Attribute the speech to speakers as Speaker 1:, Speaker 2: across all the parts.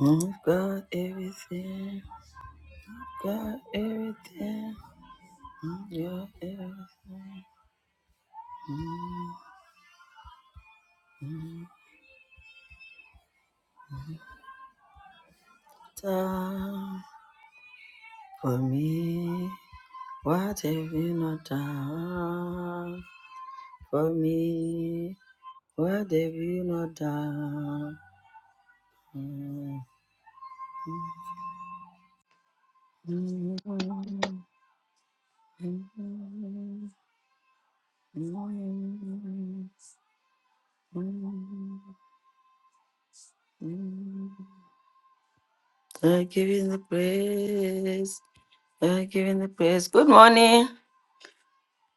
Speaker 1: Mm, got everything. You Got everything. you got everything. Mm, mm. Time for me. What have you not done for me? What have you not done? Mm, mm, mm, mm, mm, mm, mm. I give you the praise. Uh, giving the praise. Good morning.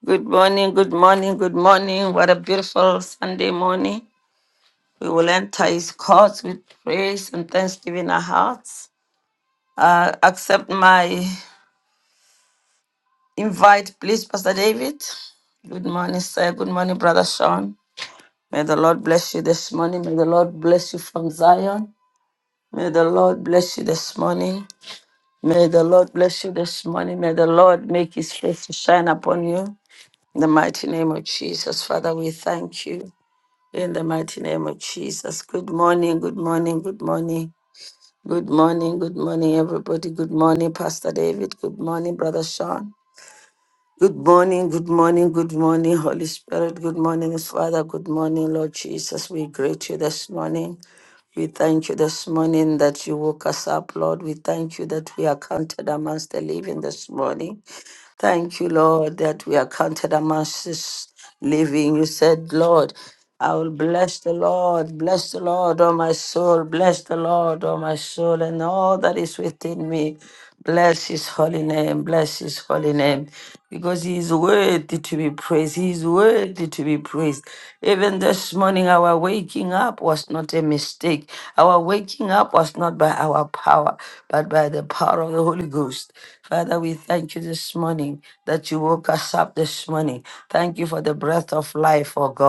Speaker 1: Good morning. Good morning. Good morning. What a beautiful Sunday morning. We will enter his courts with praise and thanksgiving in our hearts. Uh, accept my invite, please, Pastor David. Good morning, sir. Good morning, Brother Sean. May the Lord bless you this morning. May the Lord bless you from Zion. May the Lord bless you this morning. May the Lord bless you this morning. May the Lord make his face to shine upon you. In the mighty name of Jesus, Father, we thank you. In the mighty name of Jesus. Good morning, good morning, good morning. Good morning, good morning, everybody. Good morning, Pastor David. Good morning, Brother Sean. Good morning, good morning, good morning, Holy Spirit. Good morning, Father. Good morning, Lord Jesus. We greet you this morning. We thank you this morning that you woke us up, Lord. We thank you that we are counted amongst the living this morning. Thank you, Lord, that we are counted amongst this living. You said, Lord, I will bless the Lord, bless the Lord, oh my soul, bless the Lord, oh my soul, and all that is within me. Bless his holy name, bless his holy name, because he is worthy to be be praised. He is worthy to be praised. Even this morning, our waking up was not a mistake. Our waking up was not by our power, but by the power of the Holy Ghost. Father, we thank you this morning that you woke us up this morning. Thank you for the breath of life, oh God.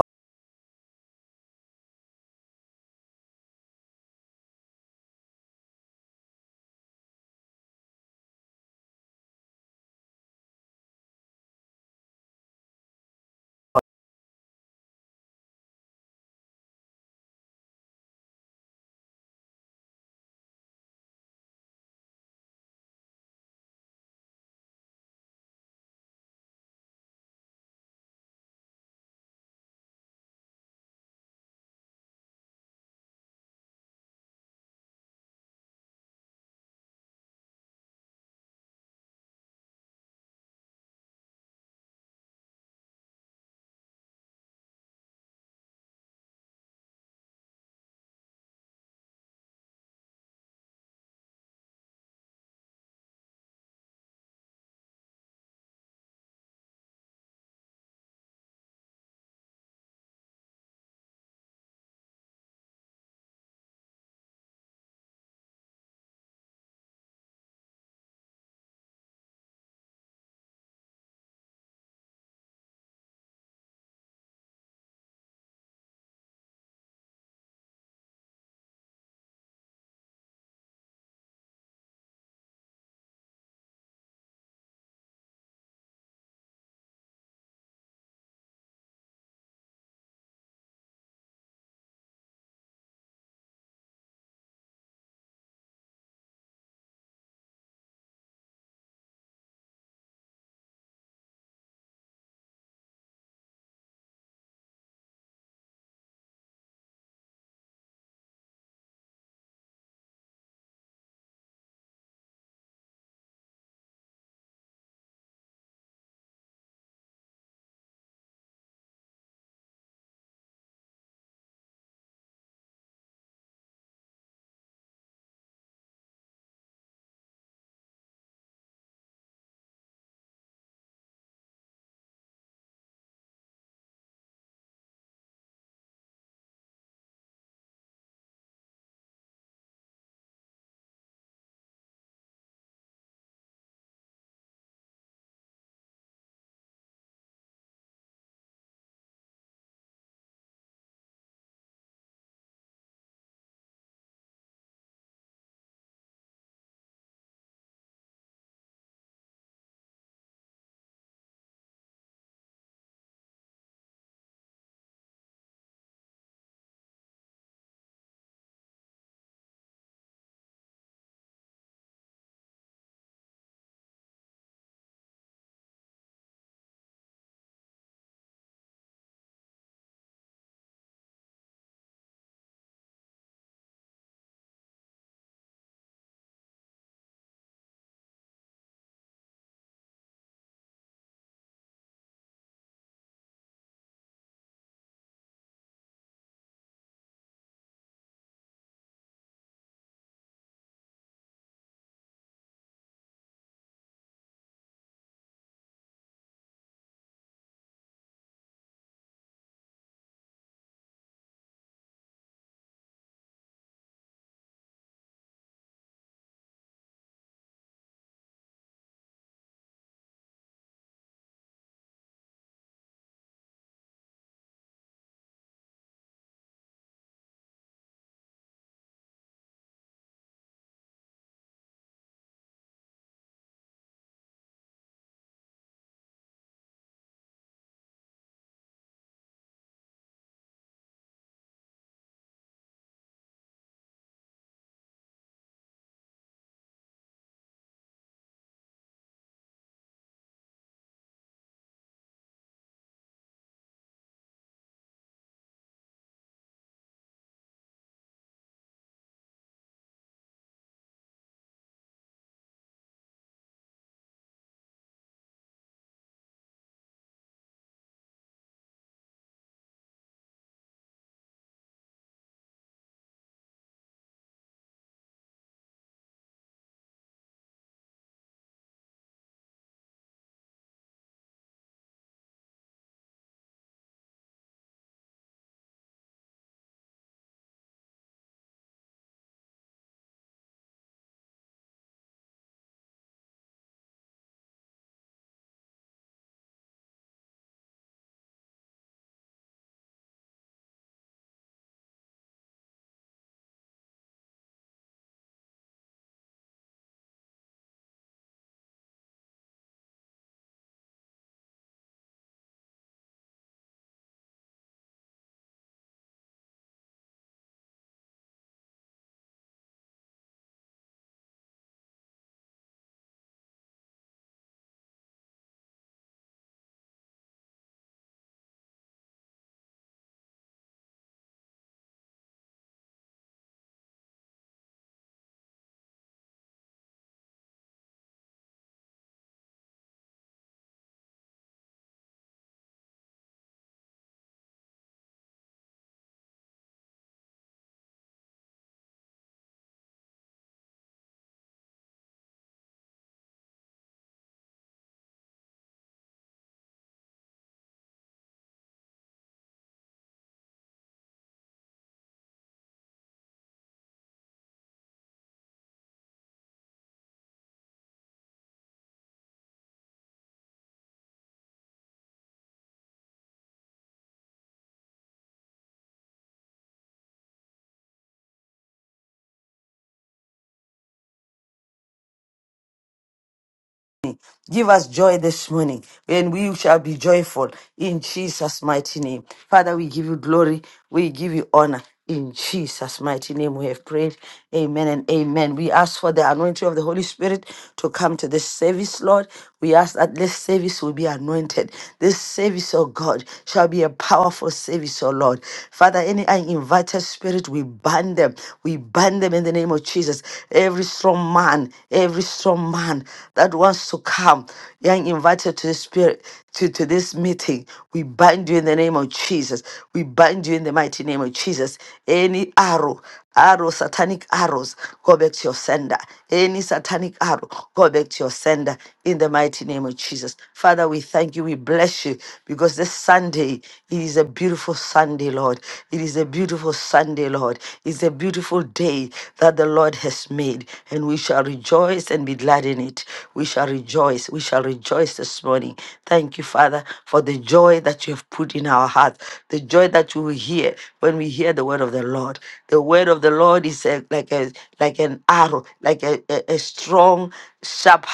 Speaker 1: Give us joy this morning, and we shall be joyful in Jesus' mighty name. Father, we give you glory, we give you honor. In Jesus' mighty name, we have prayed. Amen and amen. We ask for the anointing of the Holy Spirit to come to this service, Lord. We ask that this service will be anointed. This service, oh God, shall be a powerful service, oh Lord. Father, any uninvited spirit, we ban them. We ban them in the name of Jesus. Every strong man, every strong man that wants to come you're invited to the spirit to, to this meeting, we bind you in the name of Jesus. We bind you in the mighty name of Jesus. Any arrow, arrow, satanic arrows, go back to your sender. Any satanic arrow, go back to your sender in the mighty name of Jesus. Father, we thank you. We bless you because this Sunday, it is a beautiful Sunday, Lord. It is a beautiful beautiful Sunday, Lord. It's a beautiful day that the Lord has made, and we shall rejoice and be glad in it. We shall rejoice. We shall rejoice this morning. Thank you, Father, for the joy that you have put in our heart, the joy that we will hear when we hear the word of the Lord. The word of the Lord is a, like a like an arrow, like a, a, a strong, sharp,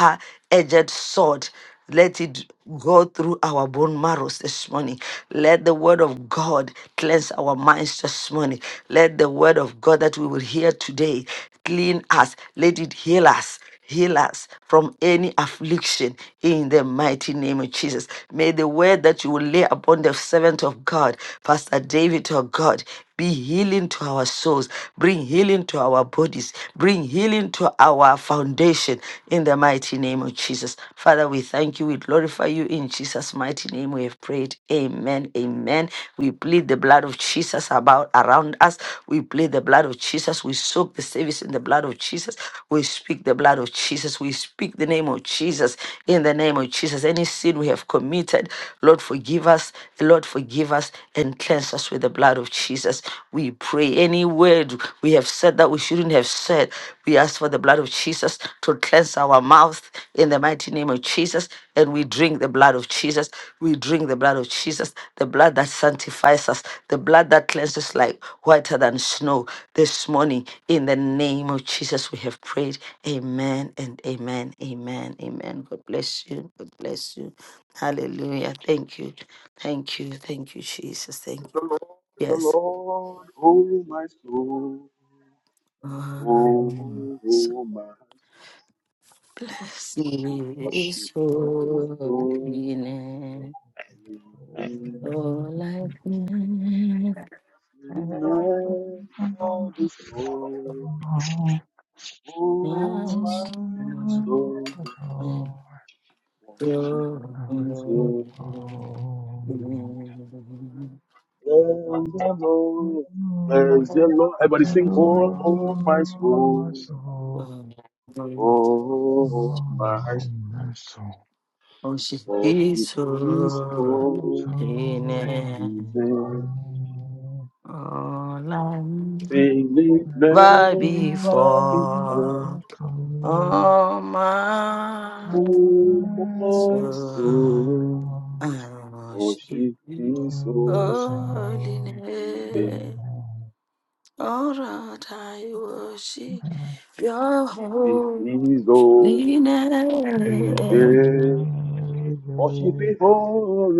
Speaker 1: edged sword let it go through our bone marrows this morning. Let the word of God cleanse our minds this morning. Let the word of God that we will hear today clean us. Let it heal us. Heal us from any affliction in the mighty name of Jesus. May the word that you will lay upon the servant of God, Pastor David, oh God, be healing to our souls, bring healing to our bodies, bring healing to our foundation foundation in the mighty name of Jesus. Father, we thank you. We glorify you in Jesus' mighty name. We have prayed. Amen. Amen. We plead the blood of Jesus about around us. We plead the blood of Jesus. We soak the service in the blood of Jesus. We speak the blood of Jesus. We speak the name of Jesus in the name of Jesus. Any sin we have committed, Lord, forgive us. Lord, forgive us and cleanse us with the blood of Jesus. We pray. Any word we have said that that we shouldn't have said. We ask for the blood of Jesus to cleanse our mouth in the mighty name of Jesus. And we drink the blood of Jesus. We drink the blood of Jesus, the blood that sanctifies us, the blood that cleanses like whiter than snow. This morning, in the name of Jesus, we have prayed. Amen and amen. Amen. Amen. God bless you. God bless you. Hallelujah. Thank you. Thank you. Thank you, Jesus. Thank you. Yes. is holy name. Oh, like me, my strength and Oh, she is holy name. Oh, like me, why before. Oh, my soul.
Speaker 2: Oh,
Speaker 1: I worship you,
Speaker 2: Oh,
Speaker 1: holy name. All right, I worship your holy name.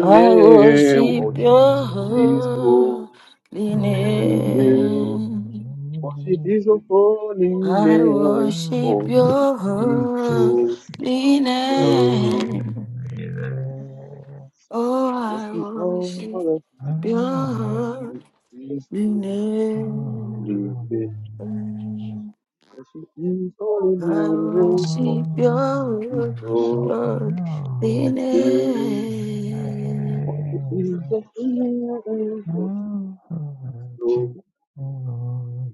Speaker 1: I worship your holy name. I worship your holy name. Oh, I worship your holy name. I want to see your holiness.
Speaker 2: Oh, you know,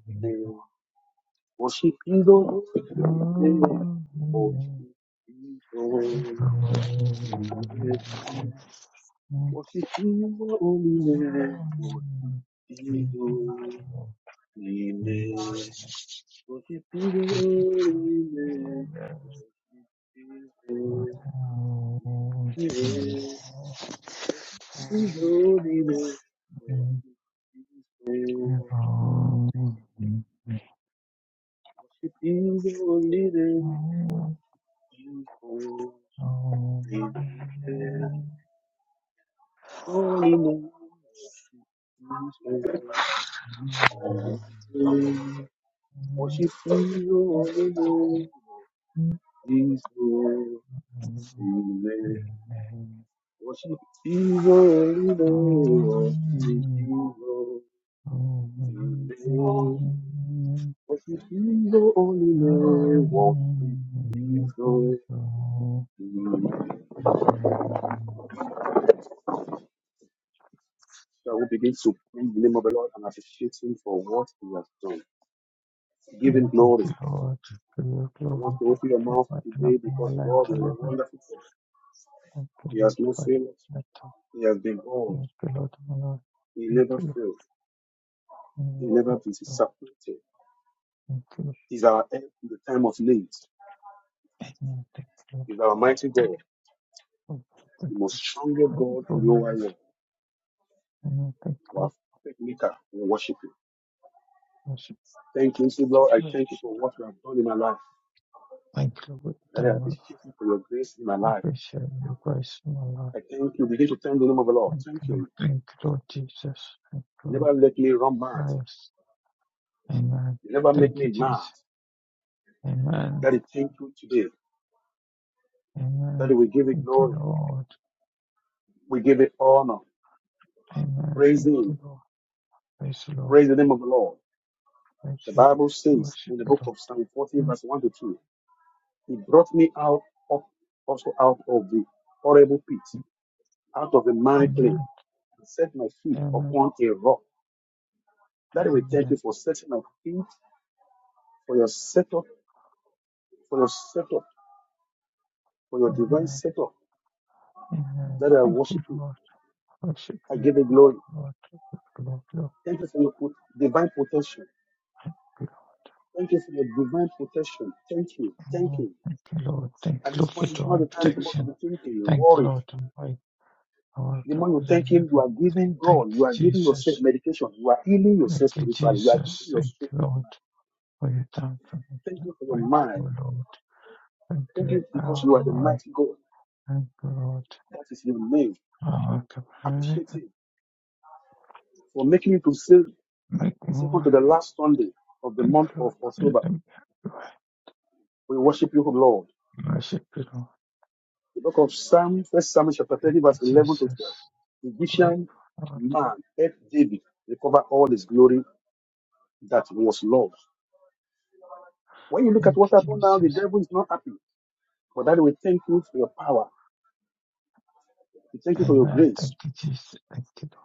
Speaker 2: oh, oh, oh, oh, Thank you, Lord, for your glory. Thank you for opening the land to live in. Thank you, Lord, for that. Thank you, Lord, my Lord. Thank you, Lord. Mm, Thank you, Lord. Thank you, Lord. Mm, Thank you, Lord. for- Thank you for grateful, Lord. Mm, Thank you, Lord. Precious. Thank you, Jesus. Thank you, Lord. Thank you, Lord. I appreciate your grace, my Lord. Thank you, Lord. Thank you, Lord Jesus. Thank you, Lord Christ. Amen. Thank you, Jesus. Amen. Amen. Thank you, Lord. Amen. Thank you, Lord. Praise the Lord. Praise the Lord. We Worship the Lord. Amen. Amen. Amen. Amen. Amen. Thank you, Lord. Worship you, Lord. Thank you, Lord. Thank you, Lord. Lord. Thank you, Lord. Amen. Thank you, Lord. Thank you, Lord, for divine protection. Thank you, Lord. And wake, I wake up and I live. Thank you, Jesus. Thank you, Jesus. Thank you, Lord, for your time for me. I'm Grateful, Lord. Thank you, power my. Thank you, Lord. Our capacity. Make me way. Thank you, Lord. Send them your way. Worship you, Lord. Thank you, Jesus. Grateful, Lord. Thank you, Jesus. Amen. Thank you, Jesus. Thank you, Lord.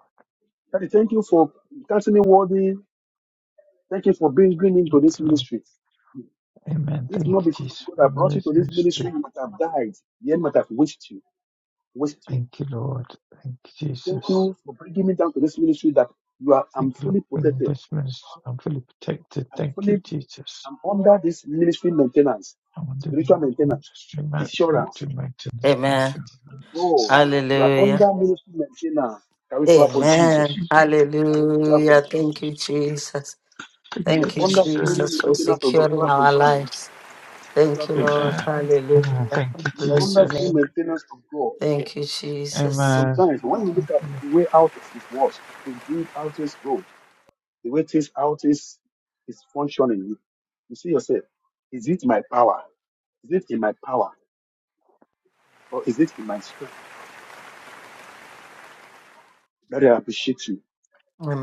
Speaker 2: Lord. Amen. Thank you, Jesus, for your ministry. Thank you, Lord. Thank you, Jesus. Thank you, Lord, bring this ministry. I'm fully protected. Thank you, Jesus. I want the ministry man fruit to maintenance
Speaker 1: Amen.
Speaker 2: insurance.
Speaker 1: Hallelujah. Amen. Hallelujah. Thank you, Jesus.
Speaker 2: Thank you,
Speaker 1: Thank you,
Speaker 2: Jesus.
Speaker 1: Jesus, for securing our lives. Thank you, Lord.
Speaker 2: Amen. Amen.
Speaker 1: Hallelujah.
Speaker 2: Thank you,
Speaker 1: Bless your
Speaker 2: Jesus.
Speaker 1: name. Thank you, Jesus.
Speaker 2: Amen. Thank you. Lord.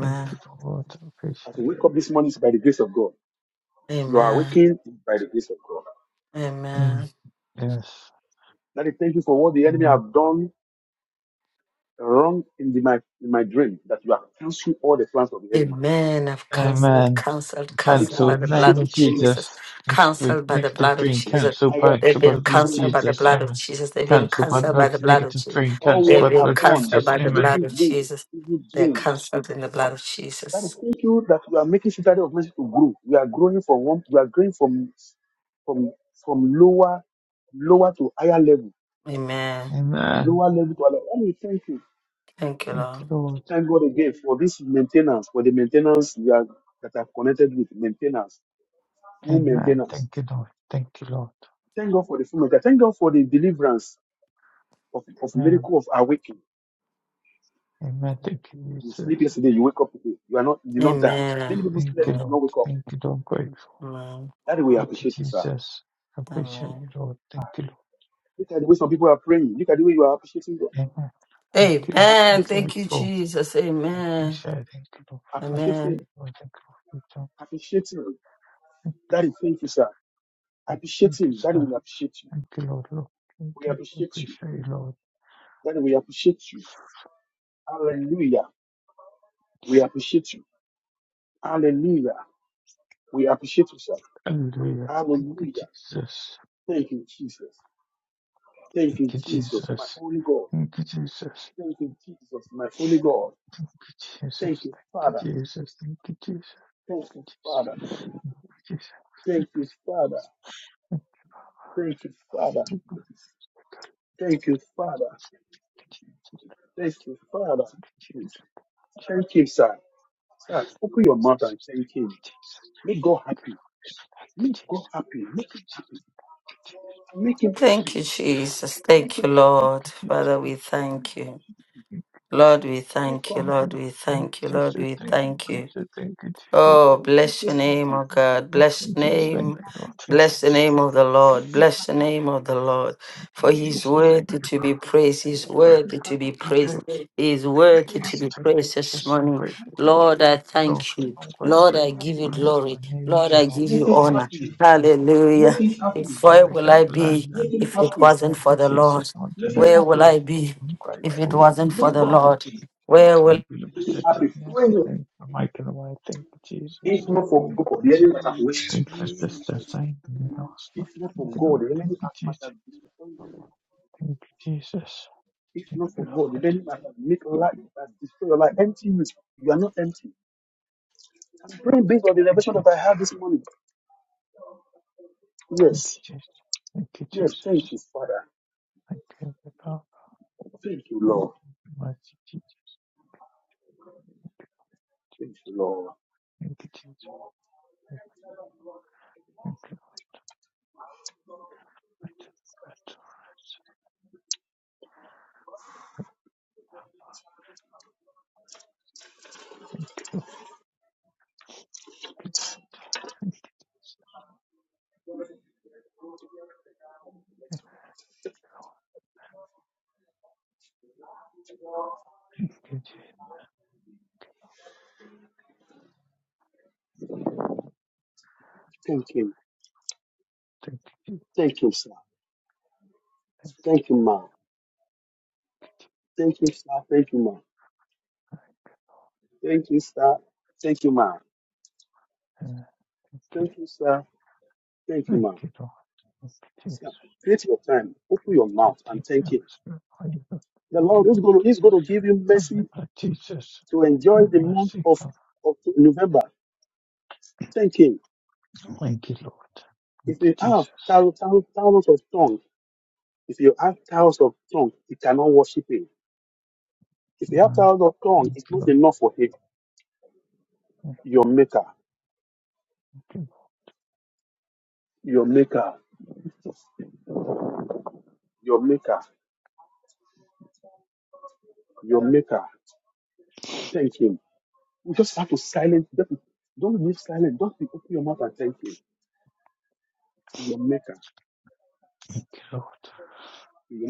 Speaker 2: Thank you, Lord. I appreciate it.
Speaker 1: Amen. Amen.
Speaker 2: Yes. Amen.
Speaker 1: Amen. I've counseled,
Speaker 2: Amen.
Speaker 1: counseled, counseled by
Speaker 2: Cancelled
Speaker 1: the blood
Speaker 2: name
Speaker 1: of Jesus.
Speaker 2: Jesus.
Speaker 1: Counseled by the
Speaker 2: Negative
Speaker 1: blood of
Speaker 2: dream.
Speaker 1: Jesus.
Speaker 2: Cancelled by
Speaker 1: They've
Speaker 2: cancelled by
Speaker 1: been
Speaker 2: the blood
Speaker 1: counseled by the
Speaker 2: Jesus.
Speaker 1: blood of
Speaker 2: Amen.
Speaker 1: Jesus. They've been
Speaker 2: Cancelled by the
Speaker 1: counseled by
Speaker 2: blood.
Speaker 1: the blood of
Speaker 2: Negative
Speaker 1: Jesus.
Speaker 2: dream. Cancelled
Speaker 1: They've
Speaker 2: by the
Speaker 1: been
Speaker 2: blood
Speaker 1: counseled
Speaker 2: Jesus.
Speaker 1: by the
Speaker 2: Amen.
Speaker 1: blood of Jesus. They're counseled in the blood of Jesus. Amen.
Speaker 2: Amen.
Speaker 1: Thank you,
Speaker 2: Thank you,
Speaker 1: Lord.
Speaker 2: Lord. Amen. Thank you, Lord. Thank you, Lord. Amen. Amen. Thank you, Jesus.
Speaker 1: Amen.
Speaker 2: Thank you,
Speaker 1: Amen.
Speaker 2: Lord. Thank you, Lord. I'm grateful.
Speaker 1: Amen.
Speaker 2: Thank you, Jesus. I appreciate
Speaker 1: Amen.
Speaker 2: you, Lord. Thank you, Lord. Amen. Thank you, Lord. I'm
Speaker 1: Amen. Thank you,
Speaker 2: grateful.
Speaker 1: Jesus.
Speaker 2: I
Speaker 1: Amen.
Speaker 2: appreciate it. Thank you, Lord, for fighting.
Speaker 1: Amen.
Speaker 2: Lord, thank you, Lord, for your time. Thank you, thank you, sir. Thank you, Lord. Lord. Thank you. We Appreciate you, Lord. Hallelujah. Thank you, Jesus. Thank you, Jesus. Thank you, Jesus. Thank you, Jesus. Thank you, Jesus. Thank you, Jesus. Thank you, Jesus. Thank you, thank you, Jesus. Jesus. Thank you, Jesus. Thank you,
Speaker 1: Thank you, Jesus. Thank you, Lord. Father, we thank you. Lord, we thank you. Lord, we thank you. Lord, we thank you. Oh, bless your name, oh God. Bless the
Speaker 2: Jesus. Thank
Speaker 1: name.
Speaker 2: you, Lord. Thank you,
Speaker 1: Bless the name
Speaker 2: Jesus.
Speaker 1: of the Lord.
Speaker 2: Thank
Speaker 1: Bless
Speaker 2: you, Jesus.
Speaker 1: the name of the Lord. For he's
Speaker 2: Thank you, Jesus. Thank you, Jesus. Thank
Speaker 1: worthy
Speaker 2: you,
Speaker 1: to be
Speaker 2: Lord.
Speaker 1: praised.
Speaker 2: Thank you, Jesus. Thank you,
Speaker 1: He's
Speaker 2: Jesus.
Speaker 1: worthy to be
Speaker 2: Thank you,
Speaker 1: praised.
Speaker 2: Lord.
Speaker 1: He is
Speaker 2: Thank
Speaker 1: worthy
Speaker 2: you,
Speaker 1: to
Speaker 2: Jesus.
Speaker 1: be
Speaker 2: Thank
Speaker 1: praised
Speaker 2: you,
Speaker 1: this
Speaker 2: Jesus. I'm
Speaker 1: morning.
Speaker 2: grateful, Lord.
Speaker 1: Lord, I
Speaker 2: Thank you, Lord.
Speaker 1: thank you.
Speaker 2: I'm grateful.
Speaker 1: Lord, I give
Speaker 2: I'm
Speaker 1: you
Speaker 2: grateful. I
Speaker 1: glory.
Speaker 2: need
Speaker 1: Lord,
Speaker 2: you,
Speaker 1: I
Speaker 2: Lord.
Speaker 1: give you
Speaker 2: I need
Speaker 1: honor.
Speaker 2: you, Lord. I need you.
Speaker 1: Hallelujah.
Speaker 2: I'm
Speaker 1: If where
Speaker 2: grateful. I
Speaker 1: will
Speaker 2: can
Speaker 1: I be
Speaker 2: learn and
Speaker 1: if it wasn't
Speaker 2: thank
Speaker 1: for
Speaker 2: you,
Speaker 1: the
Speaker 2: Jesus.
Speaker 1: Lord?
Speaker 2: I'm
Speaker 1: Where will
Speaker 2: directed.
Speaker 1: I be
Speaker 2: I'm
Speaker 1: if it
Speaker 2: grateful.
Speaker 1: wasn't
Speaker 2: I'm
Speaker 1: for the
Speaker 2: grateful
Speaker 1: Lord? Where will
Speaker 2: Thank you, Lord, for the mercy. Thank you for making a way. Thank you, Jesus. Thank you,
Speaker 3: Lord,
Speaker 2: Lord.
Speaker 3: this morning,
Speaker 2: Thank you
Speaker 3: come
Speaker 2: for
Speaker 3: in
Speaker 2: sisters. Thank you,
Speaker 3: and
Speaker 2: last night. Thank you, Lord. Thank you, Jesus. Thank you, Jesus. Thank you, Lord. Thank you, thank you, Jesus. Thank you, Jesus. I tell the power of the mighty Jesus. Thank you, Jesus. Thank you, mighty Lord. Thank you, thank you, Jesus. Thank you, Jesus. Thank you, Thank you, uh, thank you, thank you, Lord. Thank you, Jesus. Can't think now, Thank you, Lord. Come with my Jesus. Where my seat comes. Thank you, Lord. Thank you, Jesus. Uh, thank you, Lord. Thank you, Lord. Thank you, Lord.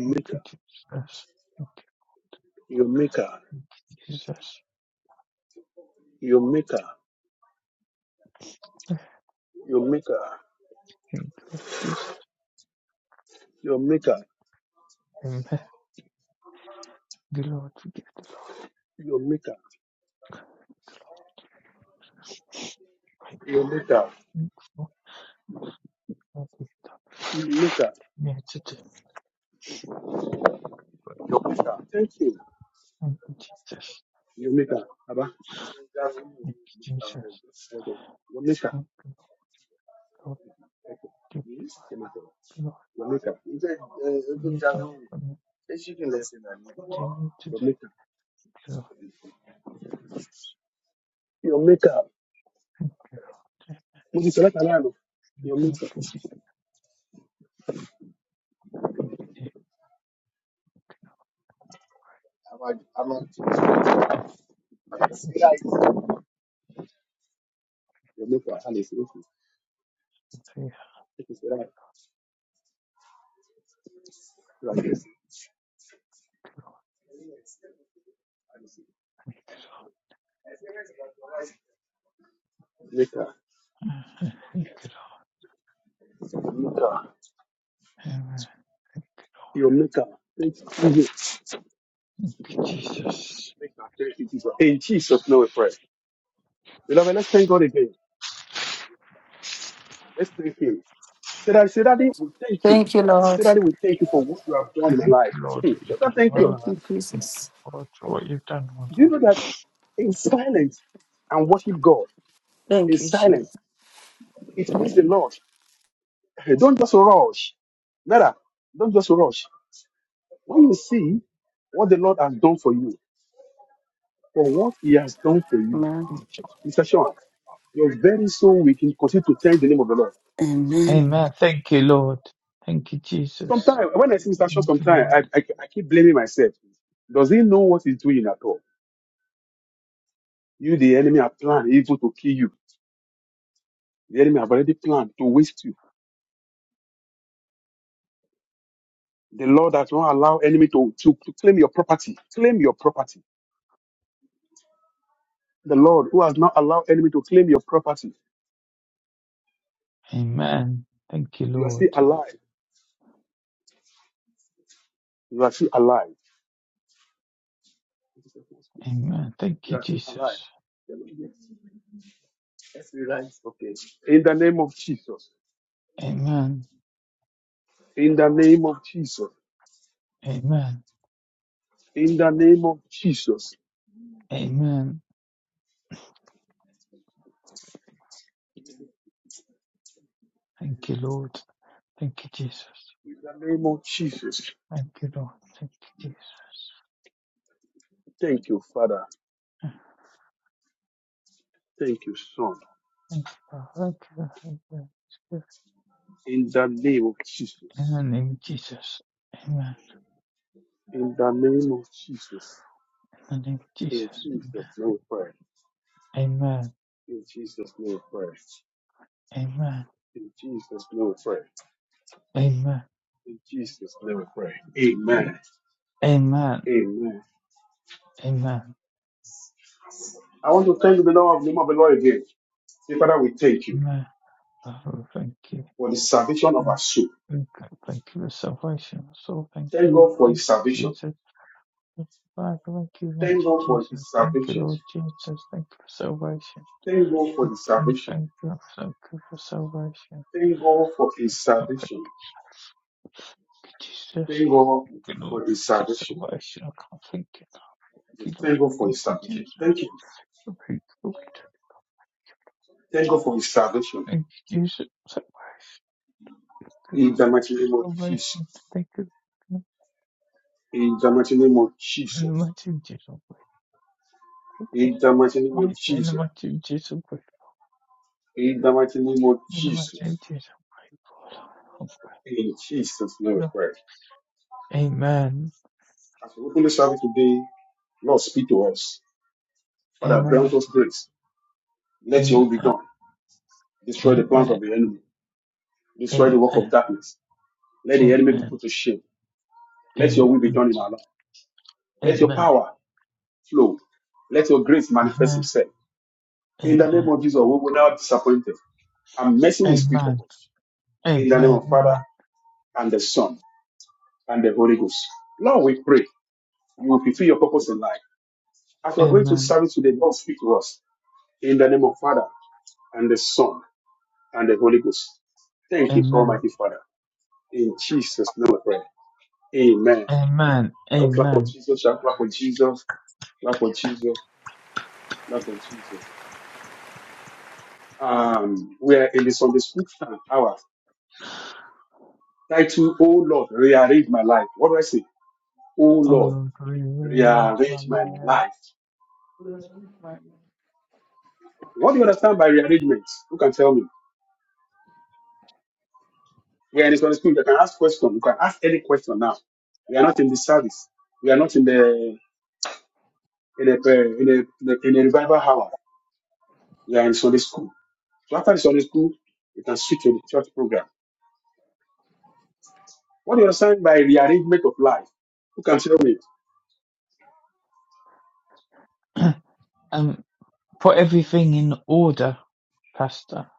Speaker 2: Thank you, Jesus. Thank you, Jesus. I Thank you, Lord Jesus. Amen. The Lord forgive the Lord my part. Thank you, Lord, for the mercy Thank you, Jesus. Thank you, Jesus. Thank you, Lord. Thank you, Lord, for your time for me. to Continue to do it, Lord. Thank you, Lord. Thank you, Lord. Thank you, Thank Thank you, Lord. Thank you, Lord. Thank you, Lord. Amen. Thank you, Lord. Thank you, Jesus.
Speaker 1: Thank you, Lord.
Speaker 2: Thank you, Lord. You've
Speaker 1: Thank
Speaker 2: well.
Speaker 1: you,
Speaker 2: Thank
Speaker 1: Jesus.
Speaker 2: you, Lord, for what you've done, Lord.
Speaker 1: Thank you, Jesus. Amen. Amen.
Speaker 2: Amen. Thank you, Lord. Thank you, Jesus. Thank you, Lord. Amen. Thank you, Lord. Amen. Thank you, Jesus. Amen. Amen. Amen. Thank you, Lord. Thank you, Jesus. Thank you, Lord. Thank you, Jesus. Thank you, Lord. Thank you, Lord. Thank you, Holy Spirit. In the name of Jesus. Amen. In the name of Jesus. Amen. Amen. Amen. Amen. Amen. Amen. Father, we thank you. Thank you, God. Thank you for salvation. So thank you, Lord. Thank you, Jesus. Father, thank you much, Jesus. Thank you, Lord Jesus. Thank you for salvation. Thank you, thank you, thank you for salvation. God, thank you, Jesus. Thank you, Lord, for salvation. I can't thank you. Thank you, Lord. Thank you, Jesus. Thank you, Lord. Thank you, Jesus. Salvation. Thank you, Lord. Salvation. Thank you. Lord. In the mighty Jesus. Thank you, Lord. Right, In the mighty Jesus. In the magnitude of my God, of God. Amen. Amen. Amen. Amen. Amen. Amen. Amen. Amen. Amen. Amen. Amen. Amen. Amen. Amen. Amen. Amen. Oh Lord, we rearrange my life.
Speaker 4: Oh Lord, bless
Speaker 2: Um, put everything in order, Pastor.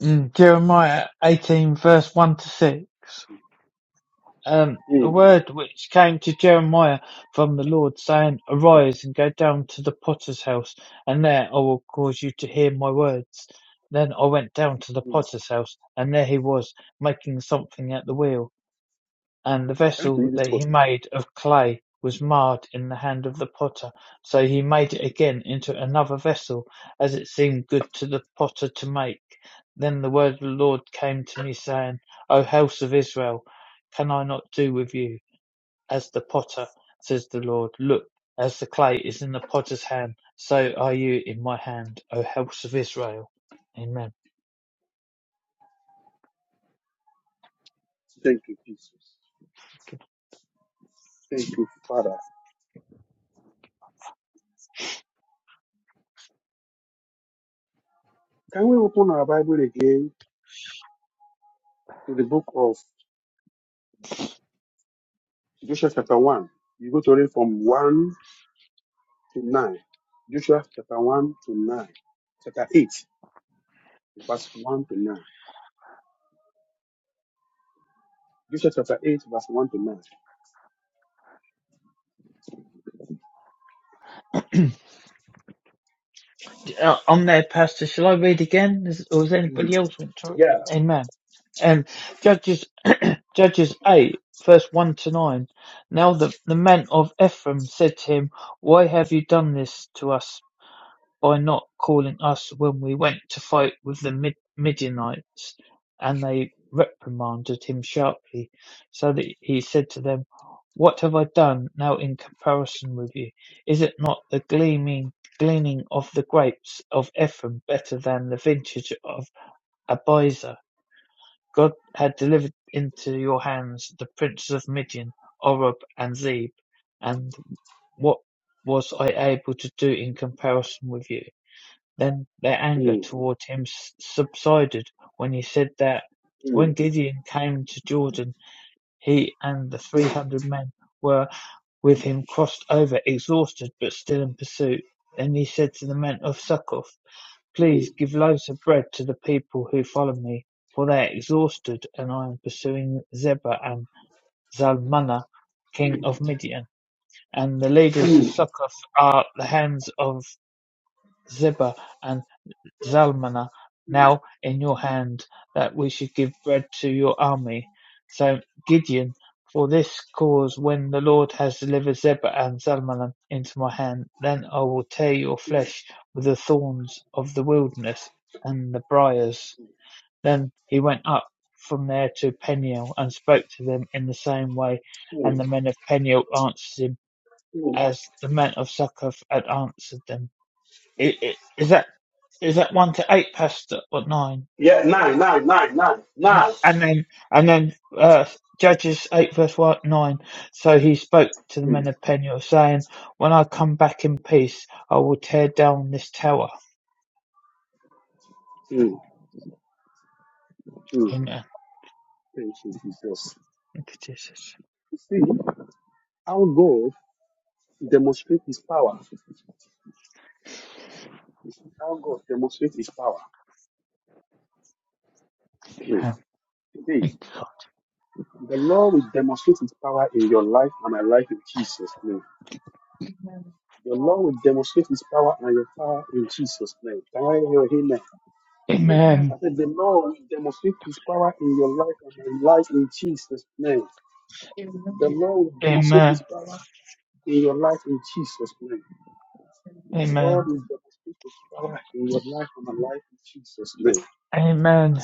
Speaker 2: Mm, Jeremiah 18, verse 1 to 6. um, a word which came to Jeremiah from the Lord, saying, Arise and go down to the potter's house, and there I will cause you to hear my words. Then I went down to the potter's house, and there he was, making something at the wheel. And the vessel that he made of clay was marred in the hand of the potter. So he made it again into another vessel, as it seemed good to the potter to make. Then the word of the Lord came to me, saying, O house of Israel, can I not do with you as the potter, says the Lord? Look, as the clay is in the potter's hand, so are you in my hand, O house of Israel. Amen. uh, on there, Pastor. Shall I read again, Is- or does anybody else want to? Amen. Um, Judges, Judges eight, verse one to nine. Now the the men of Ephraim said to him, Why have you done this to us? by not calling us when we went to fight with the Mid- Midianites. And they reprimanded him sharply, so that he said to them, What have I done now in comparison with you? Is it not the gleaming, gleaning of the grapes of Ephraim better than the vintage of Abiezer? God had delivered into your hands the princes of Midian, Oreb, and Zeb, and what was I able to do in comparison with you? Then their anger toward him subsided when he said that when Gideon came to Jordan, he and the three hundred men were with him crossed over, exhausted but still in pursuit. Then he said to the men of Succoth, Please give loaves of bread to the people who follow me, for they are exhausted, and I am pursuing Zebah and Zalmunna, king of Midian. And the leaders of Succoth are the hands of Zebah and." Zalmunna, now in your hand, that we should give bread to your army. So Gideon, for this cause, when the Lord has delivered Zebah and Zalmunna into my hand, then I will tear your flesh with the thorns of the wilderness and the briars. Then he went up from there to Peniel and spoke to them in the same way, and the men of Peniel answered him as the men of Succoth had answered them i- i- is that is that one to eight past or nine, N- and then and then uh, Judges eight verse one nine. So he spoke to the men of Peniel, saying, "When I come back in peace, I will tear down this tower." Amen. Thank you, Jesus. Amen. Thank you, God. Amen. Amen. Amen. Amen.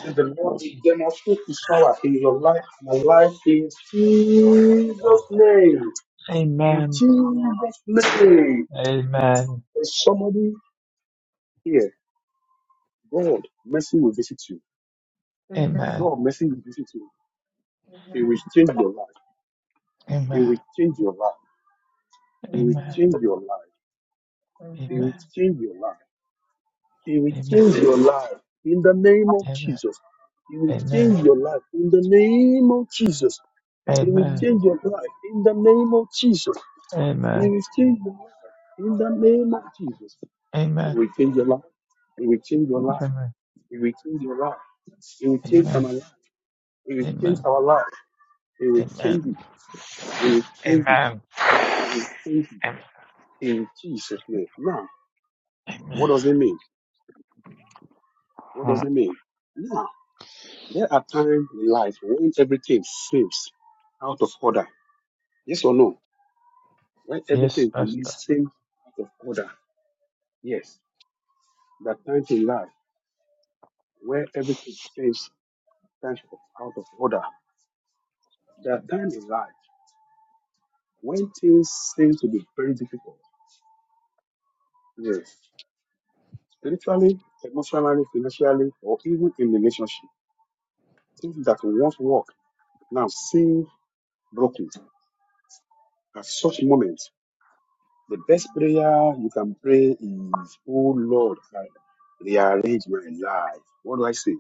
Speaker 2: Amen. Amen. Amen. Amen. Amen. Amen. Amen. Amen. Amen. Amen. Amen. Amen. Amen. Amen. Amen. Amen. Amen. Amen. Ah, Yes, Pastor.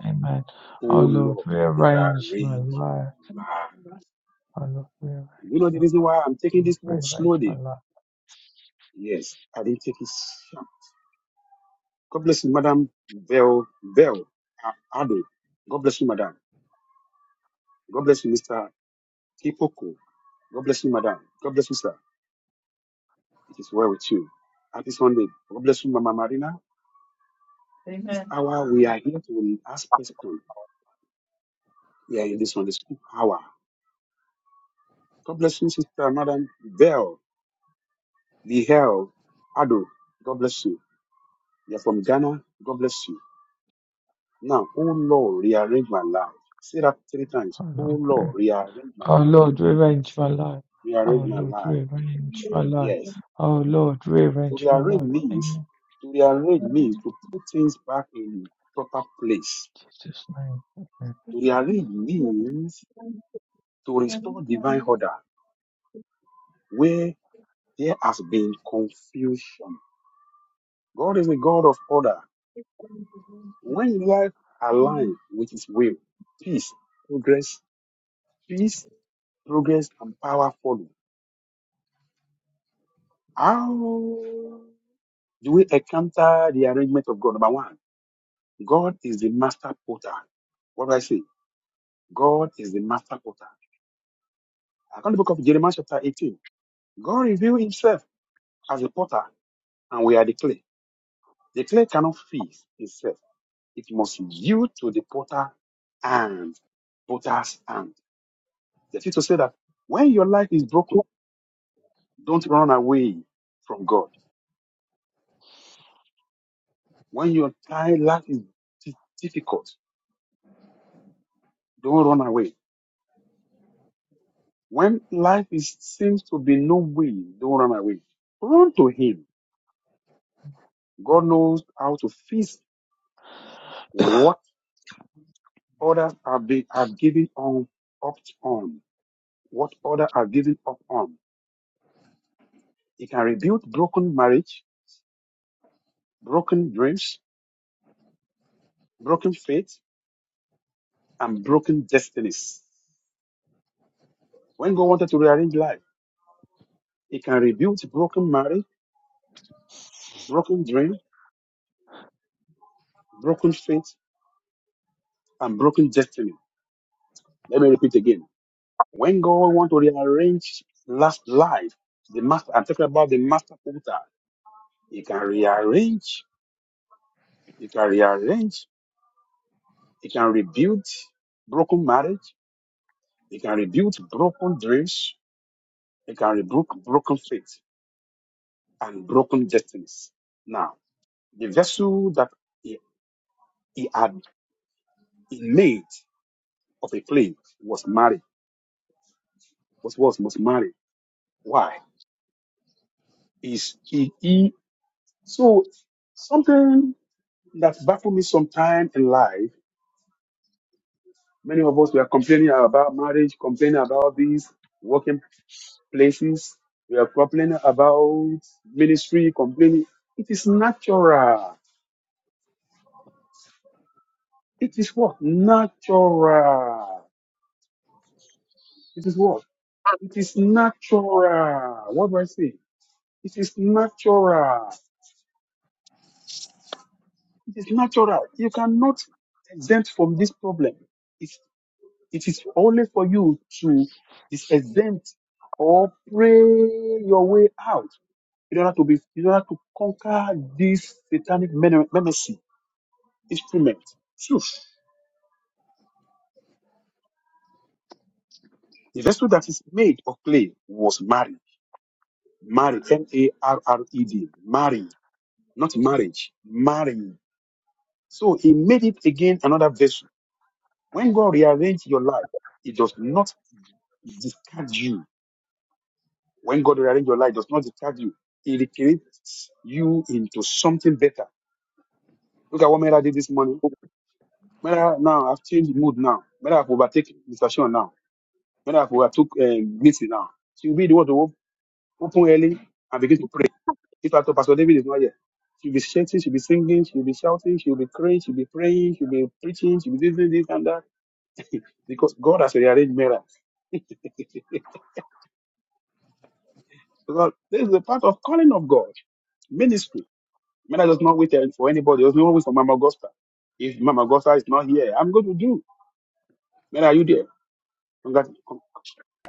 Speaker 2: Amen. Oh Lord, rearrange my life. Oh Lord, rearrange my life. Oh Lord, rearrange my life. Oh Lord, re- oh, Lord rearrange my life. Oh Lord, rearrange my life. Oh Lord, rearrange my life. Amen. Jesus' name. Amen.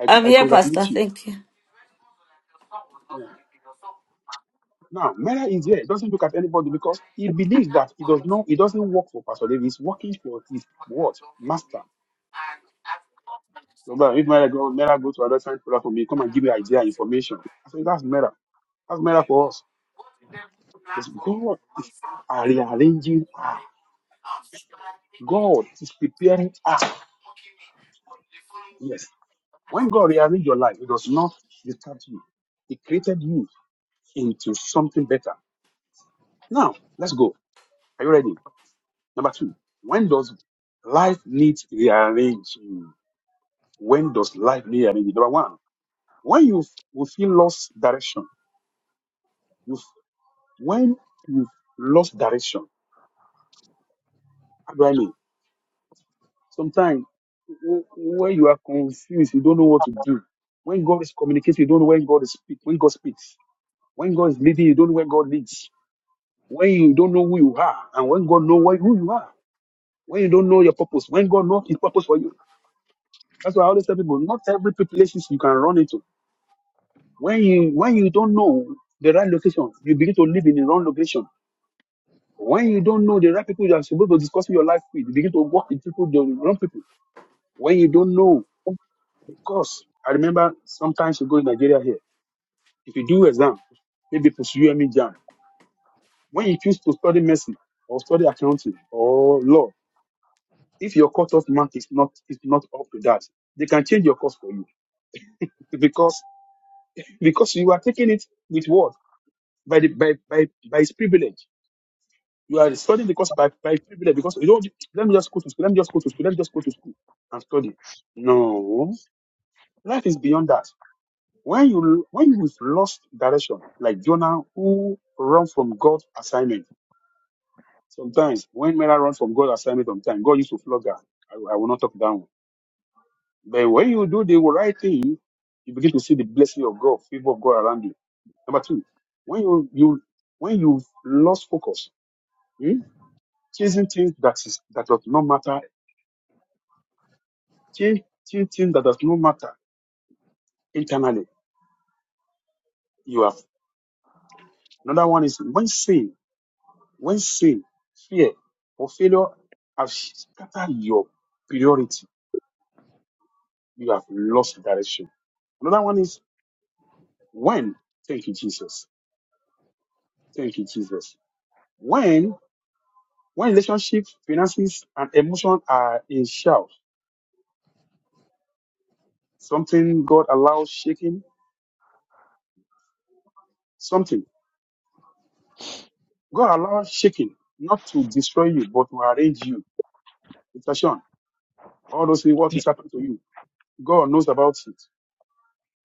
Speaker 1: I'm here, Pastor. Thank you.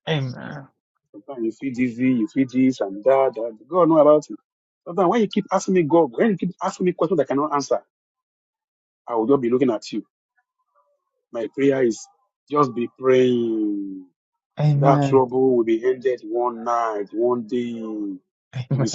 Speaker 2: Amen. Amen. Amen.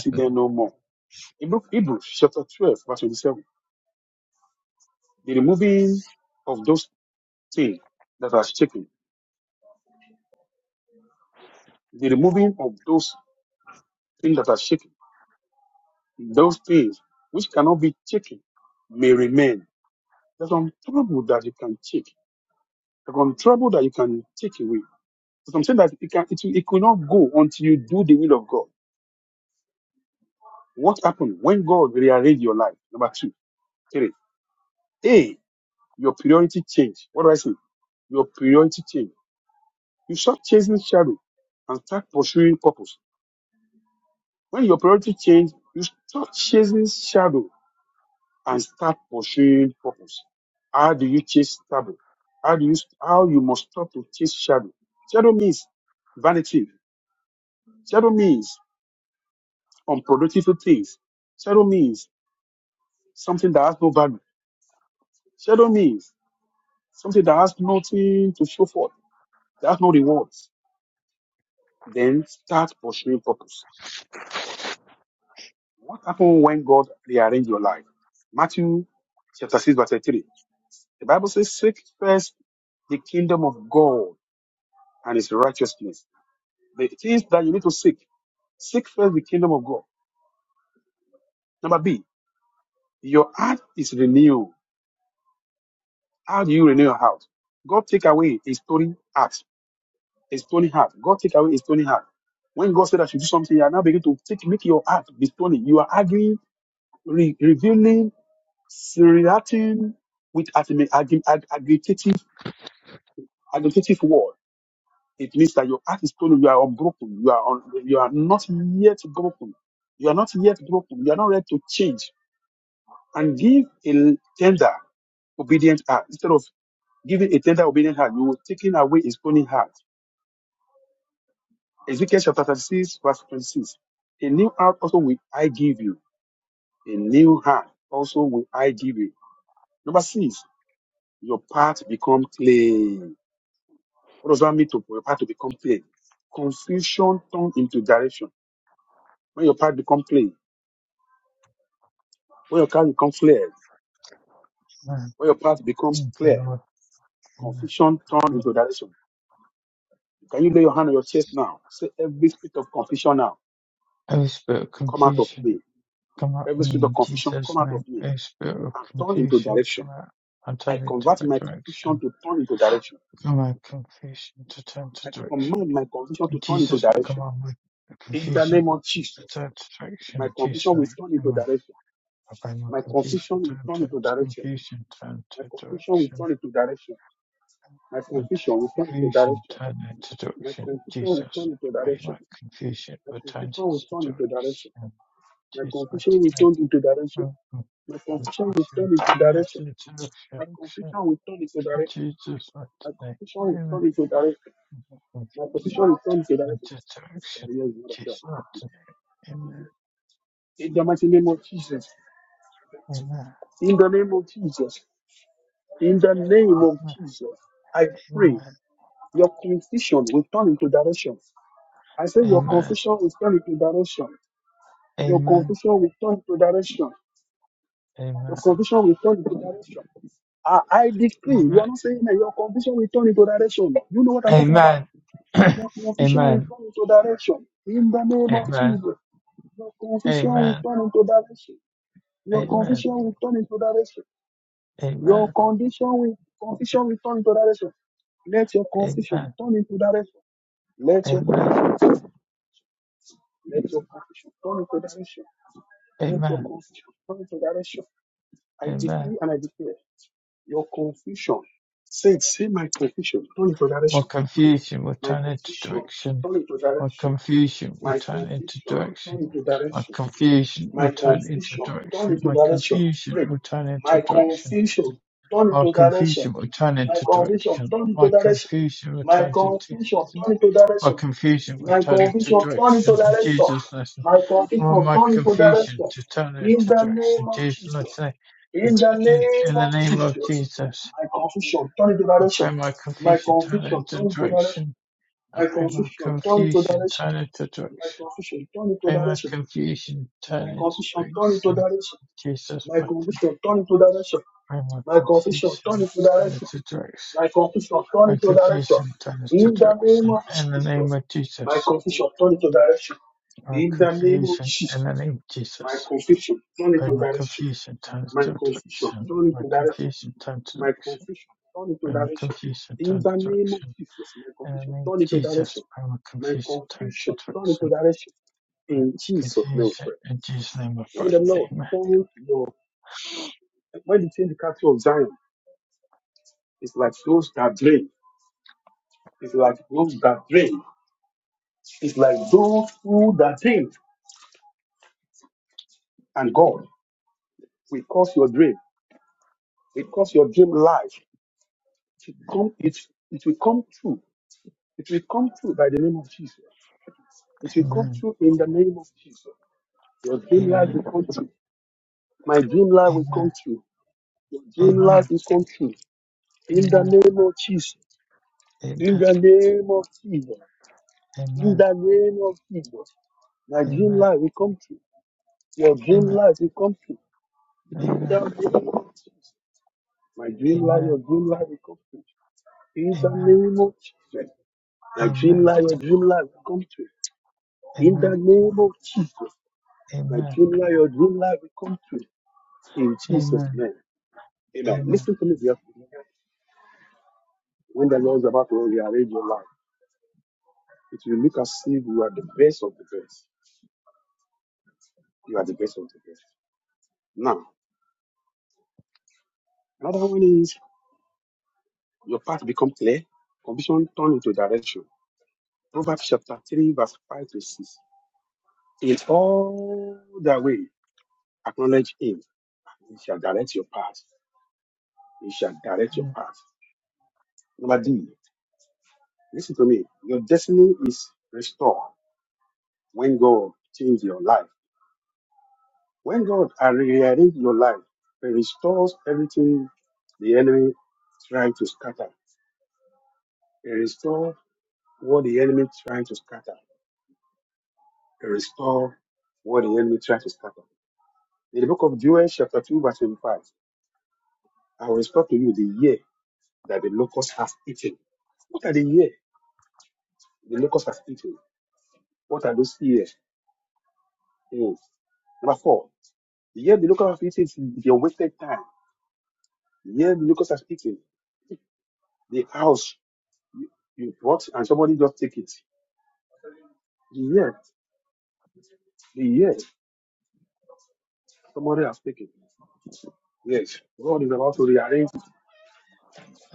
Speaker 2: Amen. Thank you, Lord. Amen. O spirit of confusion, come out of me in Jesus' name. O spirit of confusion, come out and turn into a direction. Come out of confusion to turn to direction. In Jesus' name, come on with the confusion to turn to direction. In Jesus' name, amen. Obey my confusion, turn to, to confusion, turn to direction. And to confusion, turn into direction. Jesus, obey my confusion, return to direction. Jesus' mighty name. Okay, so we turn it to to action Jesus' mighty today, Amen. Into to action Jesus' mighty today, Amen. Amen. Amen. Amen. Amen. Amen. Amen. Amen. Amen. Amen. Amen. Amen. Amen. Amen. Amen. Amen. Amen. More confusion will turn into direction My confusion will turn into direction. My confusion will turn into direction. My confusion will turn into direction. My confusion will turn into direction. My confusion will turn into my confusion will turn into direction. In Jesus' name. Well, my confusion to turn into direction. Jesus' name. In, in the name of Jesus, I pray my confusion turn into direction. I pray my confusion turn into direction. Prima confusion turned direction Jesus mightily. Prima confusion turned to direction. My confusion turned to direction. In the name of Jesus. My confusion in the name of Jesus. my confusion turns to direction. My confusion turns to direction. my confusion turns to direction. In the name of Jesus. my confusion turns to direction. My confusion in Jesus' name of pray. Amen. Amen. Amen. Amen. Amen. Amen. Amen. Amen. Amen. Amen. Amen. Amen. Amen. Amen. Amen. Amen. Amen. Amen. Amen.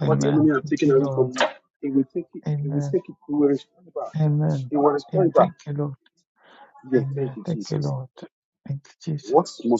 Speaker 2: Amen. Thank you, Lord. Amen. Amen. And thank you, Lord. Amen. Thank you, Lord. Thank you, Jesus.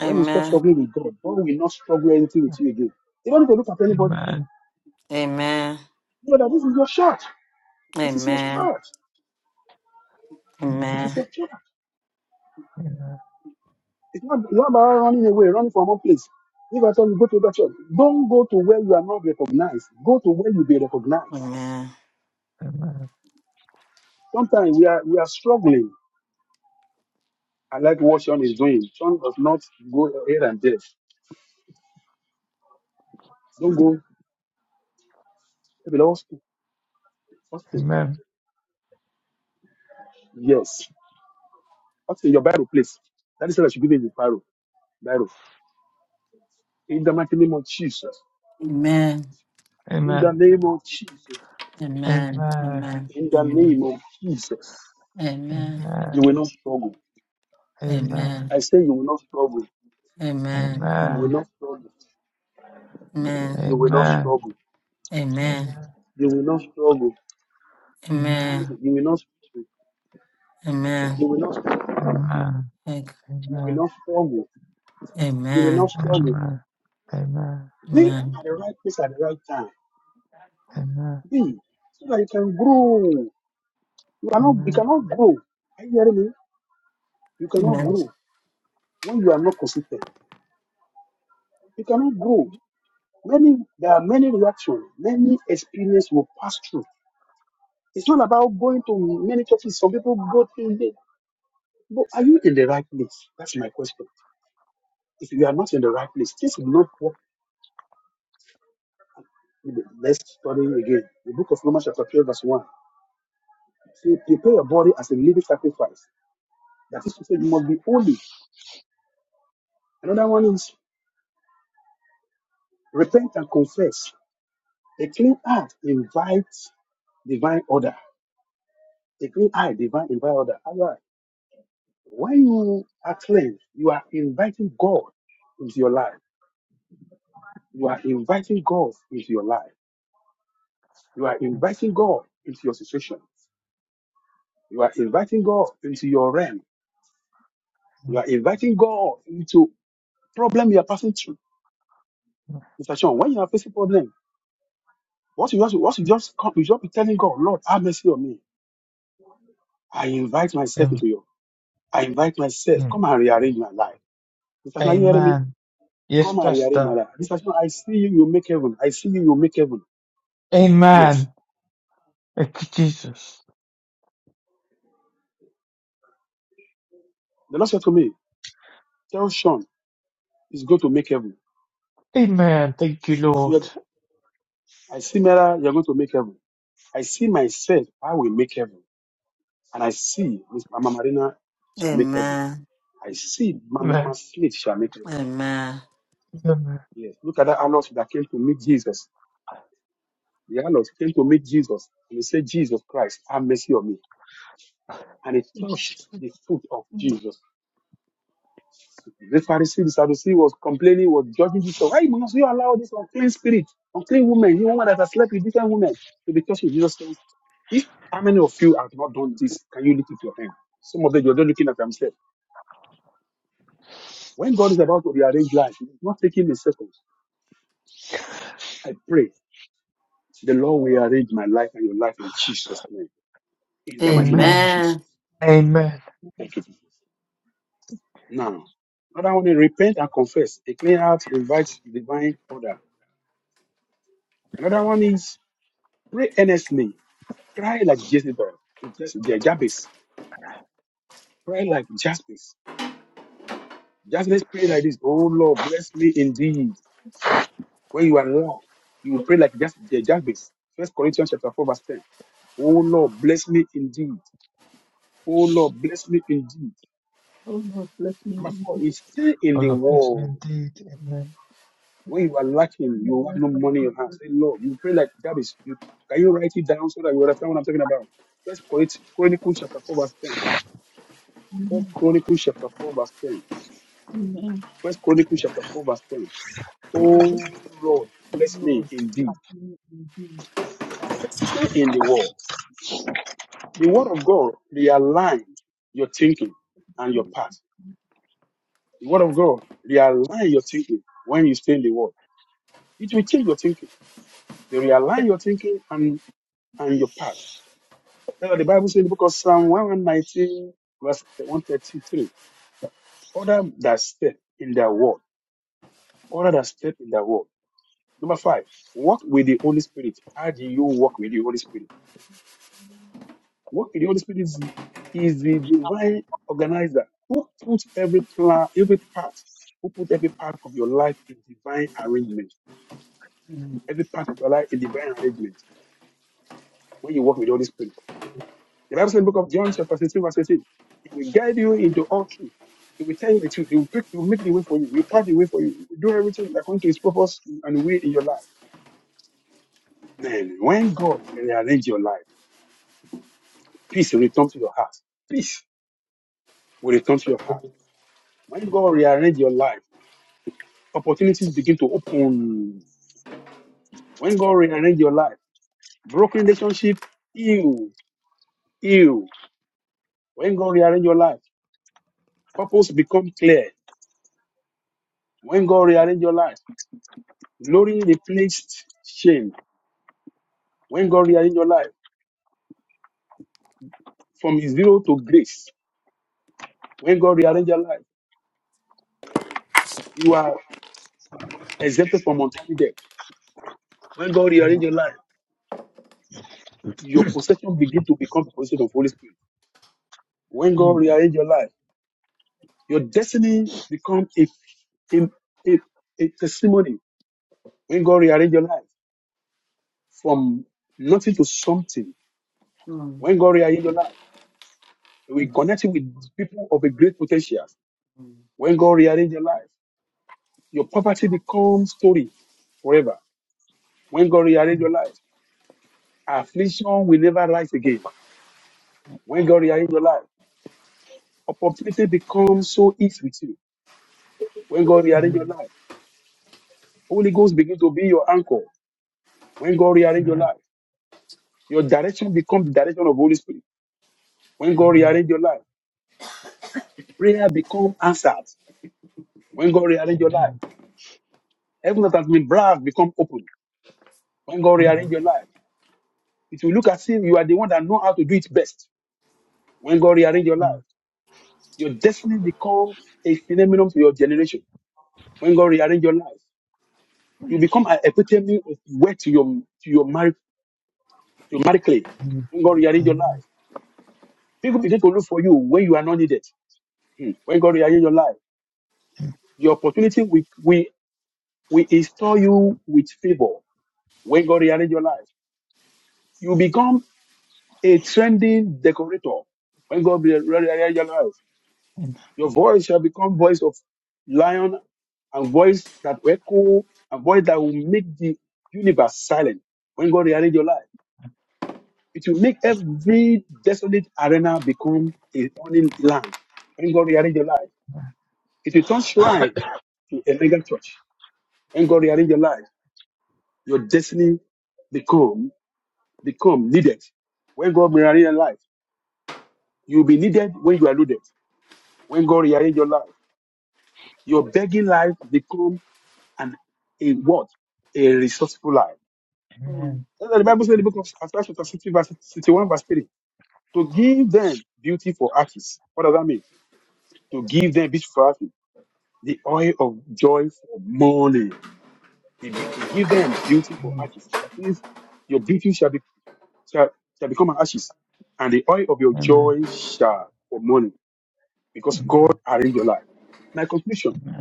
Speaker 1: Amen.
Speaker 2: Amen.
Speaker 1: Amen. Amen.
Speaker 2: Amen.
Speaker 1: Amen.
Speaker 2: Amen.
Speaker 1: Amen.
Speaker 2: Amen. Amen.
Speaker 1: Amen.
Speaker 2: Amen.
Speaker 1: Amen.
Speaker 2: Amen.
Speaker 1: Amen. Amen. Amen.
Speaker 2: Amen. Amen.
Speaker 1: Amen. Amen.
Speaker 2: Amen. Amen.
Speaker 1: Amen. Amen.
Speaker 2: Amen. Amen.
Speaker 1: Amen. Amen.
Speaker 2: Amen.
Speaker 1: Thank-
Speaker 2: Amen.
Speaker 1: Amen.
Speaker 2: Amen. Amen.
Speaker 1: Amen.
Speaker 2: Amen. Amen.
Speaker 1: Amen.
Speaker 2: Amen. Amen. Amen. Yes, Pastor. Amen. Thank you, Jesus. Amen. Thank you, Lord.
Speaker 1: Amen.
Speaker 2: Amen.
Speaker 1: Amen.
Speaker 2: Amen. Amen.
Speaker 1: Amen.
Speaker 2: Amen.
Speaker 4: me and keep
Speaker 2: Oh, Lord, bless me indeed. Amen.
Speaker 4: me away from evil. Amen. Amen. Amen. Lord, bless me and keep me.
Speaker 2: Amen. Amen.
Speaker 1: Mm.
Speaker 2: Amen. Amen. Amen. Amen. Amen. Amen. Amen. Amen. Amen. Amen. Amen. Amen. Amen. Amen.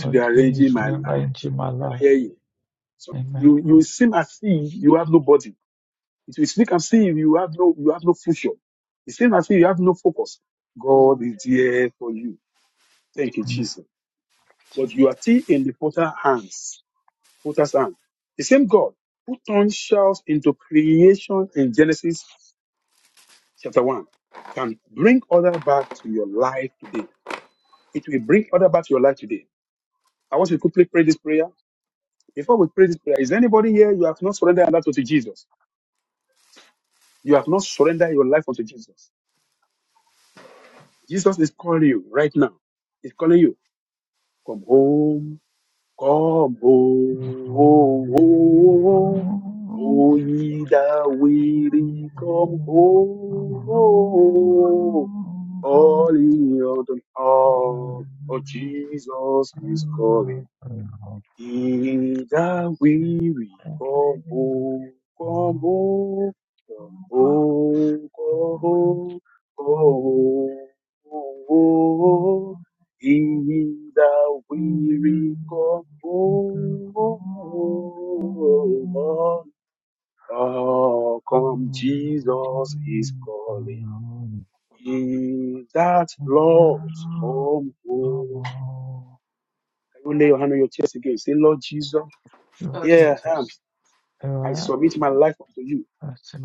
Speaker 2: God is rearranging my life. Amen.
Speaker 1: Mm.
Speaker 2: Amen. Your
Speaker 1: Lord, Jesus,
Speaker 2: teachers ever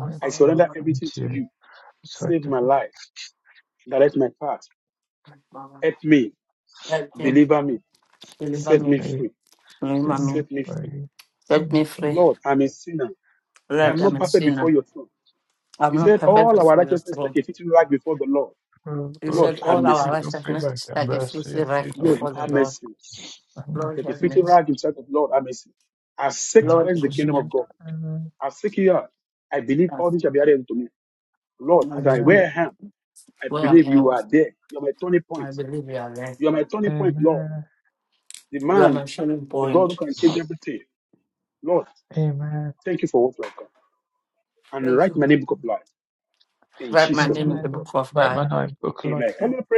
Speaker 1: I'm sorry,
Speaker 2: high
Speaker 1: Mama.
Speaker 2: until respectively
Speaker 1: Mama. Help me,
Speaker 2: little
Speaker 1: deliver me,
Speaker 2: bay,
Speaker 1: deliver me,
Speaker 2: seeming very,
Speaker 1: set me
Speaker 2: seeming
Speaker 1: free.
Speaker 2: very
Speaker 1: Lord, I'm a
Speaker 2: unassuming,
Speaker 1: sinner. I'm
Speaker 2: but not
Speaker 1: not perfect
Speaker 2: perfect.
Speaker 1: before your throne.
Speaker 2: Your
Speaker 1: You said
Speaker 2: virtues
Speaker 1: all
Speaker 2: of
Speaker 1: our
Speaker 2: your
Speaker 1: righteousness
Speaker 2: favor
Speaker 1: is
Speaker 2: and
Speaker 1: like a
Speaker 2: mercy
Speaker 1: filthy
Speaker 2: of
Speaker 1: right
Speaker 2: the Lord,
Speaker 1: before the Lord.
Speaker 2: and
Speaker 1: Lord, have
Speaker 2: mercy, Lord,
Speaker 1: mercy.
Speaker 2: and
Speaker 1: Lord,
Speaker 2: mercy,
Speaker 1: receive
Speaker 2: Lord. Amen,
Speaker 1: my sin.
Speaker 2: amen,
Speaker 1: Where I am, my believer life.
Speaker 2: amen,
Speaker 1: We are my shining point.
Speaker 2: amen,
Speaker 1: Let you happen. write my name in the
Speaker 2: amen.
Speaker 1: book of
Speaker 2: Write my
Speaker 1: life.
Speaker 2: name, book of life, Lord.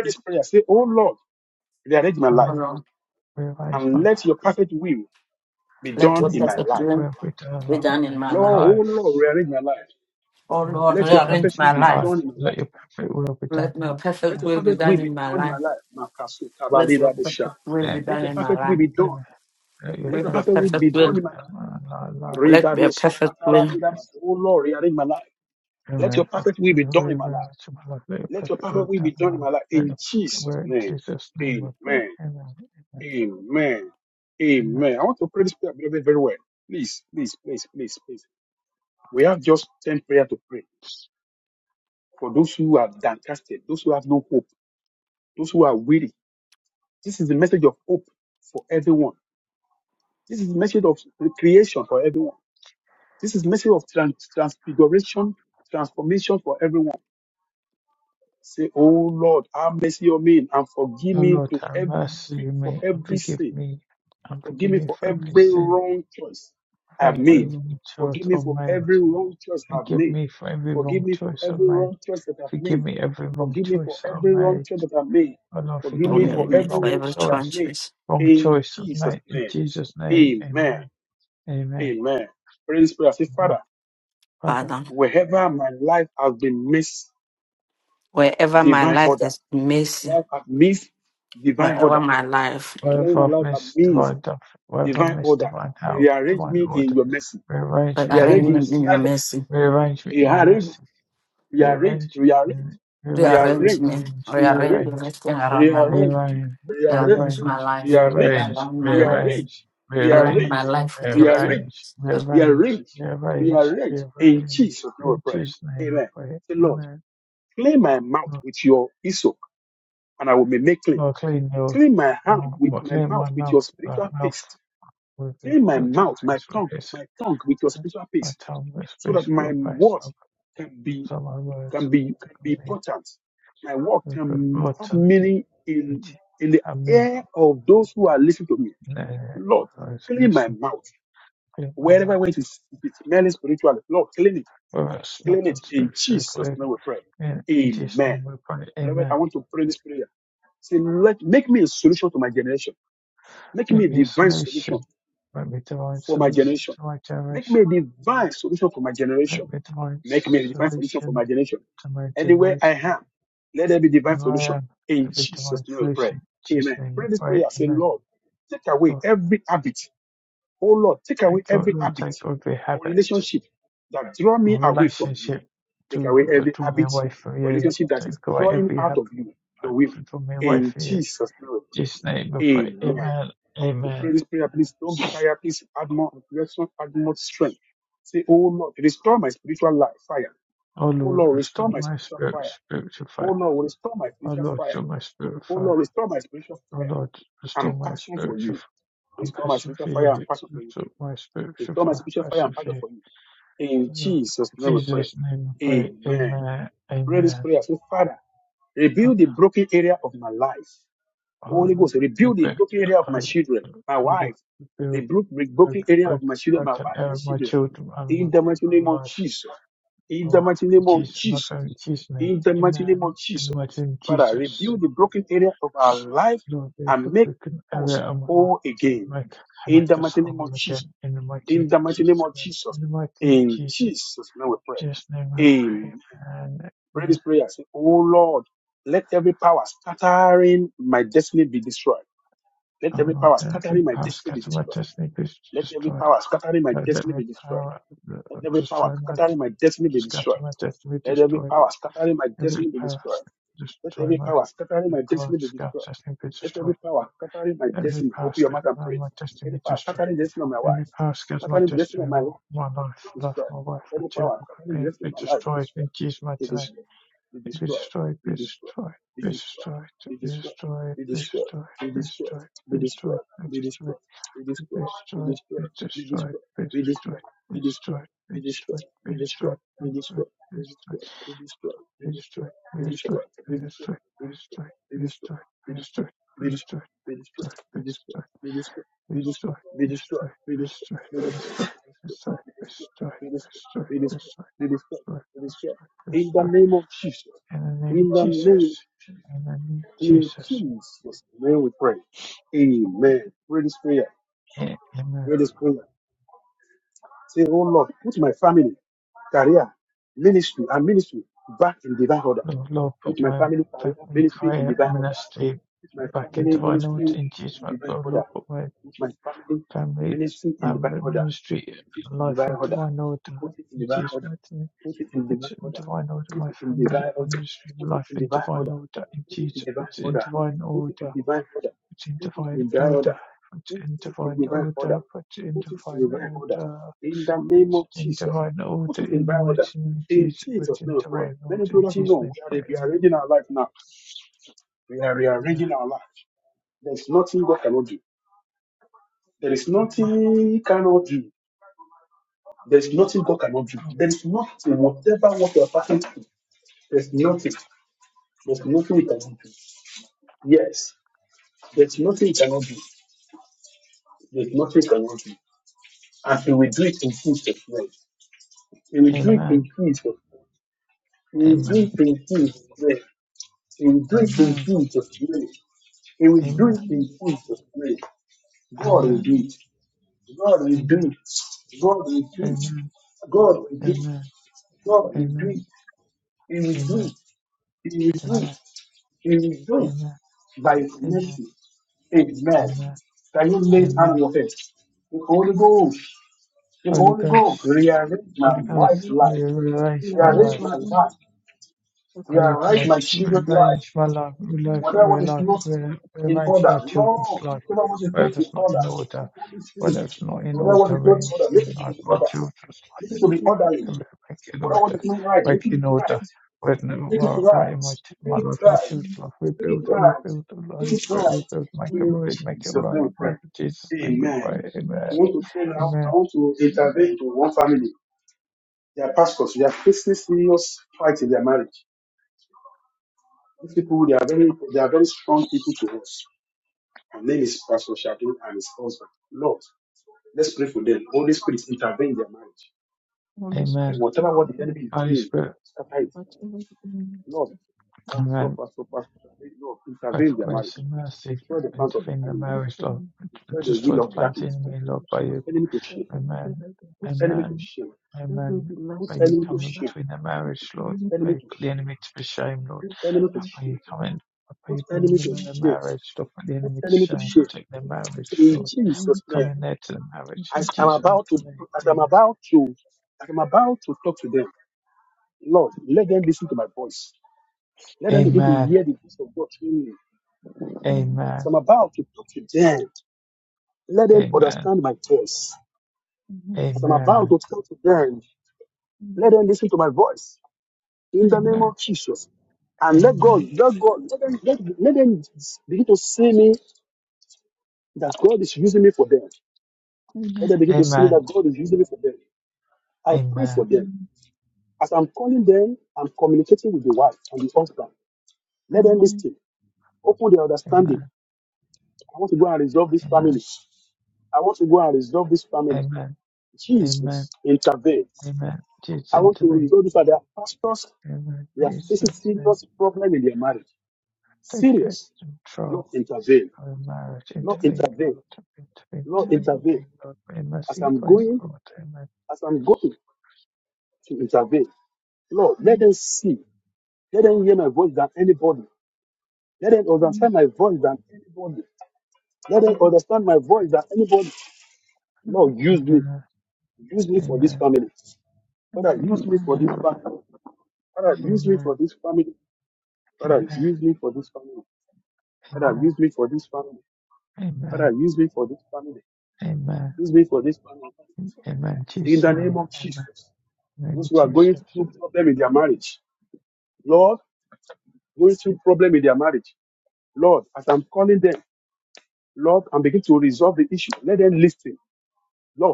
Speaker 2: O
Speaker 1: Oh
Speaker 2: Lord,
Speaker 1: Lord,
Speaker 2: rearrange my life.
Speaker 1: let
Speaker 2: Let
Speaker 1: what
Speaker 2: your
Speaker 1: perfect
Speaker 2: perfect
Speaker 1: will
Speaker 2: will be done in
Speaker 1: be
Speaker 2: line
Speaker 1: done in
Speaker 2: with
Speaker 1: my
Speaker 2: my
Speaker 1: life.
Speaker 2: life.
Speaker 1: Oh
Speaker 2: O Lord,
Speaker 1: Lord, rearrange
Speaker 2: rearrange
Speaker 1: my
Speaker 2: my
Speaker 1: life.
Speaker 2: life. Let your perfect will be done
Speaker 1: Let
Speaker 2: in my
Speaker 1: your perfect
Speaker 2: life.
Speaker 1: will be done in my life. Let your perfect will be
Speaker 2: Amen.
Speaker 1: done in my life.
Speaker 2: Amen. Let your
Speaker 1: Let your
Speaker 2: perfect will
Speaker 1: perfect
Speaker 2: be done
Speaker 1: will.
Speaker 2: in my life.
Speaker 1: Let your perfect will
Speaker 2: Amen. Lord, rearrange my life. Let your perfect will be done in my life. Let your perfect will in Jesus' name we pray. Amen. Amen. Amen. O Lord, have mercy on me and forgive me and forgive me for every sin, for every
Speaker 1: mm,
Speaker 2: wrong choice or made. Forgive me for every wrong choice I made. Forgive me every wrong choice I made. Oh Lord, forgive me
Speaker 1: only
Speaker 2: every
Speaker 1: me for
Speaker 2: wrong
Speaker 1: every
Speaker 2: choice.
Speaker 1: choice,
Speaker 2: Wrong choice I made. In Jesus' name, amen. Amen. Amen. Father,
Speaker 1: Father. Wherever my life is messy, wherever my life,
Speaker 2: wherever I've missed divine depth, wherever I've missed divine health, divine order, rearrange
Speaker 1: rearrange
Speaker 2: me in your
Speaker 1: me in
Speaker 2: mercy.
Speaker 1: your mercy.
Speaker 2: Rearrange me in your mercy. Rearrange me in rearrange,
Speaker 1: Rearrange me.
Speaker 2: rearrange,
Speaker 1: Rearrange
Speaker 2: rearrange.
Speaker 1: everything around my life.
Speaker 2: rearrange,
Speaker 1: Rearrange my
Speaker 2: rearrange,
Speaker 1: life.
Speaker 2: rearrange,
Speaker 1: Align my life.
Speaker 2: rearrange, rearrange,
Speaker 1: Align my life with your
Speaker 2: rearrange,
Speaker 1: purpose.
Speaker 2: rearrange, rearrange, rearrange. In Jesus' name we pray. Amen. Lord, Lord, clean your mouth, Lord, clean my mouth, my mouth with your spiritual praise, Lord, yes, amen. my tongue with spiritual praise, Lord, so my words can be important. I mean, uh, those who listen, clean my mouth. Whereas my and spiritually clean. In, Jesus' name we pray. Amen. Make me a solution. Make me a divine solution to my generation. Make me a divine solution to my generation. Here I am. Make me a divine solution. In Jesus' name we pray. Amen. Lord, take God, Lord, take every habit or relationship to, that draw me away from you. Take away every habit that draw me away from you. In Jesus' name we pray. Amen. Amen. O Lord, restore my spirit, spiritual fire. O Lord, restore my spirit fire. O Lord, restore my spiritual f- and passion for you. Restore my spiritual fire, and passion for you. O Lord, in Jesus' name I pray. Amen. Amen. Father, O Lord, rebuild, O O Lord, rebuild, break, break, break and error my children and my, my life. O Lord, in Jesus, my family, in Jesus' name. Amen. And what's in Jesus. Lord, to broken every amala. Make make us whole again in the mighty name of Jesus. In the mighty name of Jesus. Just name I pray. And amen. Oh Lord, let every power scatter my destiny be destroyed. Let every power uh, destroy my scatter my destiny be destroyed. Every power destroy my power scatter destiny be destroyed. Every power scatter my destiny be destroyed. Any power, skills, my testimony, my life, love, my wife, my children may be destroyed in Jesus' name. Be destroyed! Be destroyed! Be destroyed! Be destroyed! Be destroyed! Be destroyed! Be destroyed! Be destroyed! Be destroyed! Be destroyed! Be destroyed! Be destroyed! Be destroyed! Be destroyed! Be destroyed! Be destroyed! Be destroyed! Be destroyed! Restore, restore, restore, restore, restore, restore, restore, restore, restore, restore, restore. In the name of Jesus. In the name of Jesus. A- Amen. Lord, Lord, put my family prayer ministry back into divine order, in Jesus' name. Lord, Lord, put my family um, ministry and life in divine order in Jesus' name. Put it in divine order, my family, my ministry, life in divine order in Jesus. Put it in divine order put in divine order, put in divine order, put in divine order, put in divine order in the mighty name of Jesus, put in divine order in Jesus' name. Pray. Amen. Amen. Amen. Amen.
Speaker 4: Amen. Amen.
Speaker 2: Amen. Amen.
Speaker 4: Amen.
Speaker 2: Amen. Amen.
Speaker 4: Amen.
Speaker 2: Amen. Amen. Amen. Amen. Amen. Amen. Amen. Amen. Amen.
Speaker 4: Amen.
Speaker 2: Amen. Holy
Speaker 4: Holy Ghost.
Speaker 2: Ghost. Holy Ghost,
Speaker 4: Everything
Speaker 2: may you realize
Speaker 4: You
Speaker 2: my life.
Speaker 4: arrange my life according to God.
Speaker 2: Holocaust revenge my life,
Speaker 4: you
Speaker 2: life,
Speaker 4: arrange my
Speaker 2: where life,
Speaker 4: decisions
Speaker 2: where rearrange my children's life,
Speaker 4: according
Speaker 2: whatever's not in order, whatever's not in
Speaker 4: to
Speaker 2: order,
Speaker 4: God.
Speaker 2: arrange my life, my children's life,
Speaker 4: You give me the
Speaker 2: and
Speaker 4: order,
Speaker 2: make it in order,
Speaker 4: you
Speaker 2: make it
Speaker 4: give me
Speaker 2: in
Speaker 4: the
Speaker 2: order.
Speaker 4: order,
Speaker 2: With no right in my t- my life, my
Speaker 4: You give
Speaker 2: children's
Speaker 4: me
Speaker 2: life, rebuild it, rebuild the Holy Spirit, rebuild, make
Speaker 4: the
Speaker 2: it
Speaker 4: order.
Speaker 2: right, make it right,
Speaker 4: when
Speaker 2: make it Jesus' name, we
Speaker 4: to to to
Speaker 2: pray, Amen, Amen, Amen. Holy Spirit, Amen. Both grace
Speaker 4: pray.
Speaker 2: and mercy intervene in the
Speaker 4: Help
Speaker 2: marriage law
Speaker 4: them
Speaker 2: destroy the
Speaker 4: to
Speaker 2: plans of the enemy Lord by you.
Speaker 4: They
Speaker 2: Amen. Amen. Amen.
Speaker 4: be
Speaker 2: By you
Speaker 4: left in
Speaker 2: come
Speaker 4: their
Speaker 2: in
Speaker 4: life.
Speaker 2: between the
Speaker 4: Put the
Speaker 2: marriage, Lord.
Speaker 4: back
Speaker 2: By you put the enemy to be shame, Lord.
Speaker 4: with the need, with the
Speaker 2: By
Speaker 4: need,
Speaker 2: you come in. I you be in the middle of the marriage, Lord. Put the enemy to
Speaker 4: with
Speaker 2: shame. Protect their marriage,
Speaker 4: the
Speaker 2: Lord.
Speaker 4: need, with
Speaker 2: Come in there to the marriage. In
Speaker 4: the need,
Speaker 2: Jesus' mighty name.
Speaker 4: Amen.
Speaker 2: Amen.
Speaker 4: Amen.
Speaker 2: Amen. Amen. Amen.
Speaker 4: Amen. Amen.
Speaker 2: Amen.
Speaker 4: Amen.
Speaker 2: Amen. Amen.
Speaker 4: Amen. Amen.
Speaker 2: Amen. Amen.
Speaker 4: Amen. Amen.
Speaker 2: Amen. Amen. Amen. Amen. Amen. Jesus intervene. Amen. Jesus name. Take control of the marriage. Intervene, Lord. Intervene,
Speaker 4: Amen. Amen.
Speaker 2: intervene, Lord. In mercy, place, Lord. Amen.
Speaker 4: Amen. Amen. Amen. Amen. Amen.
Speaker 2: Amen. Amen. Amen. Amen.
Speaker 4: Amen. Amen. Amen.
Speaker 2: Amen. Amen. Amen.
Speaker 4: Amen.
Speaker 2: Amen.
Speaker 4: Amen. Amen. Amen.
Speaker 2: Amen. Jesus name. Amen. Name of Jesus.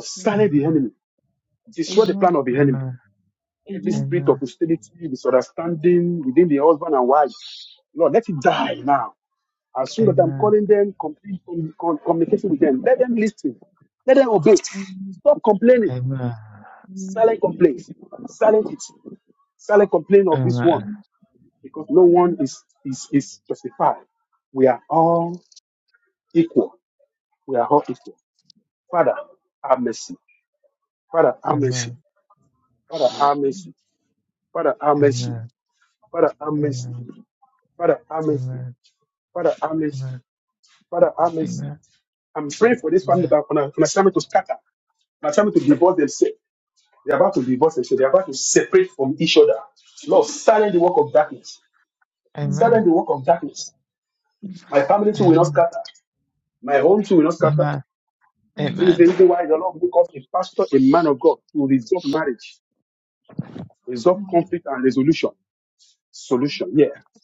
Speaker 4: Amen.
Speaker 2: Amen. Amen. Amen. Amen. Amen. Amen.
Speaker 4: Amen. Amen. Amen.
Speaker 2: Amen.
Speaker 4: Amen.
Speaker 2: Amen. Amen. Amen. Amen. Amen. Amen.
Speaker 4: Amen. Amen.
Speaker 2: Amen.
Speaker 4: Amen.
Speaker 2: Amen. Amen. Amen.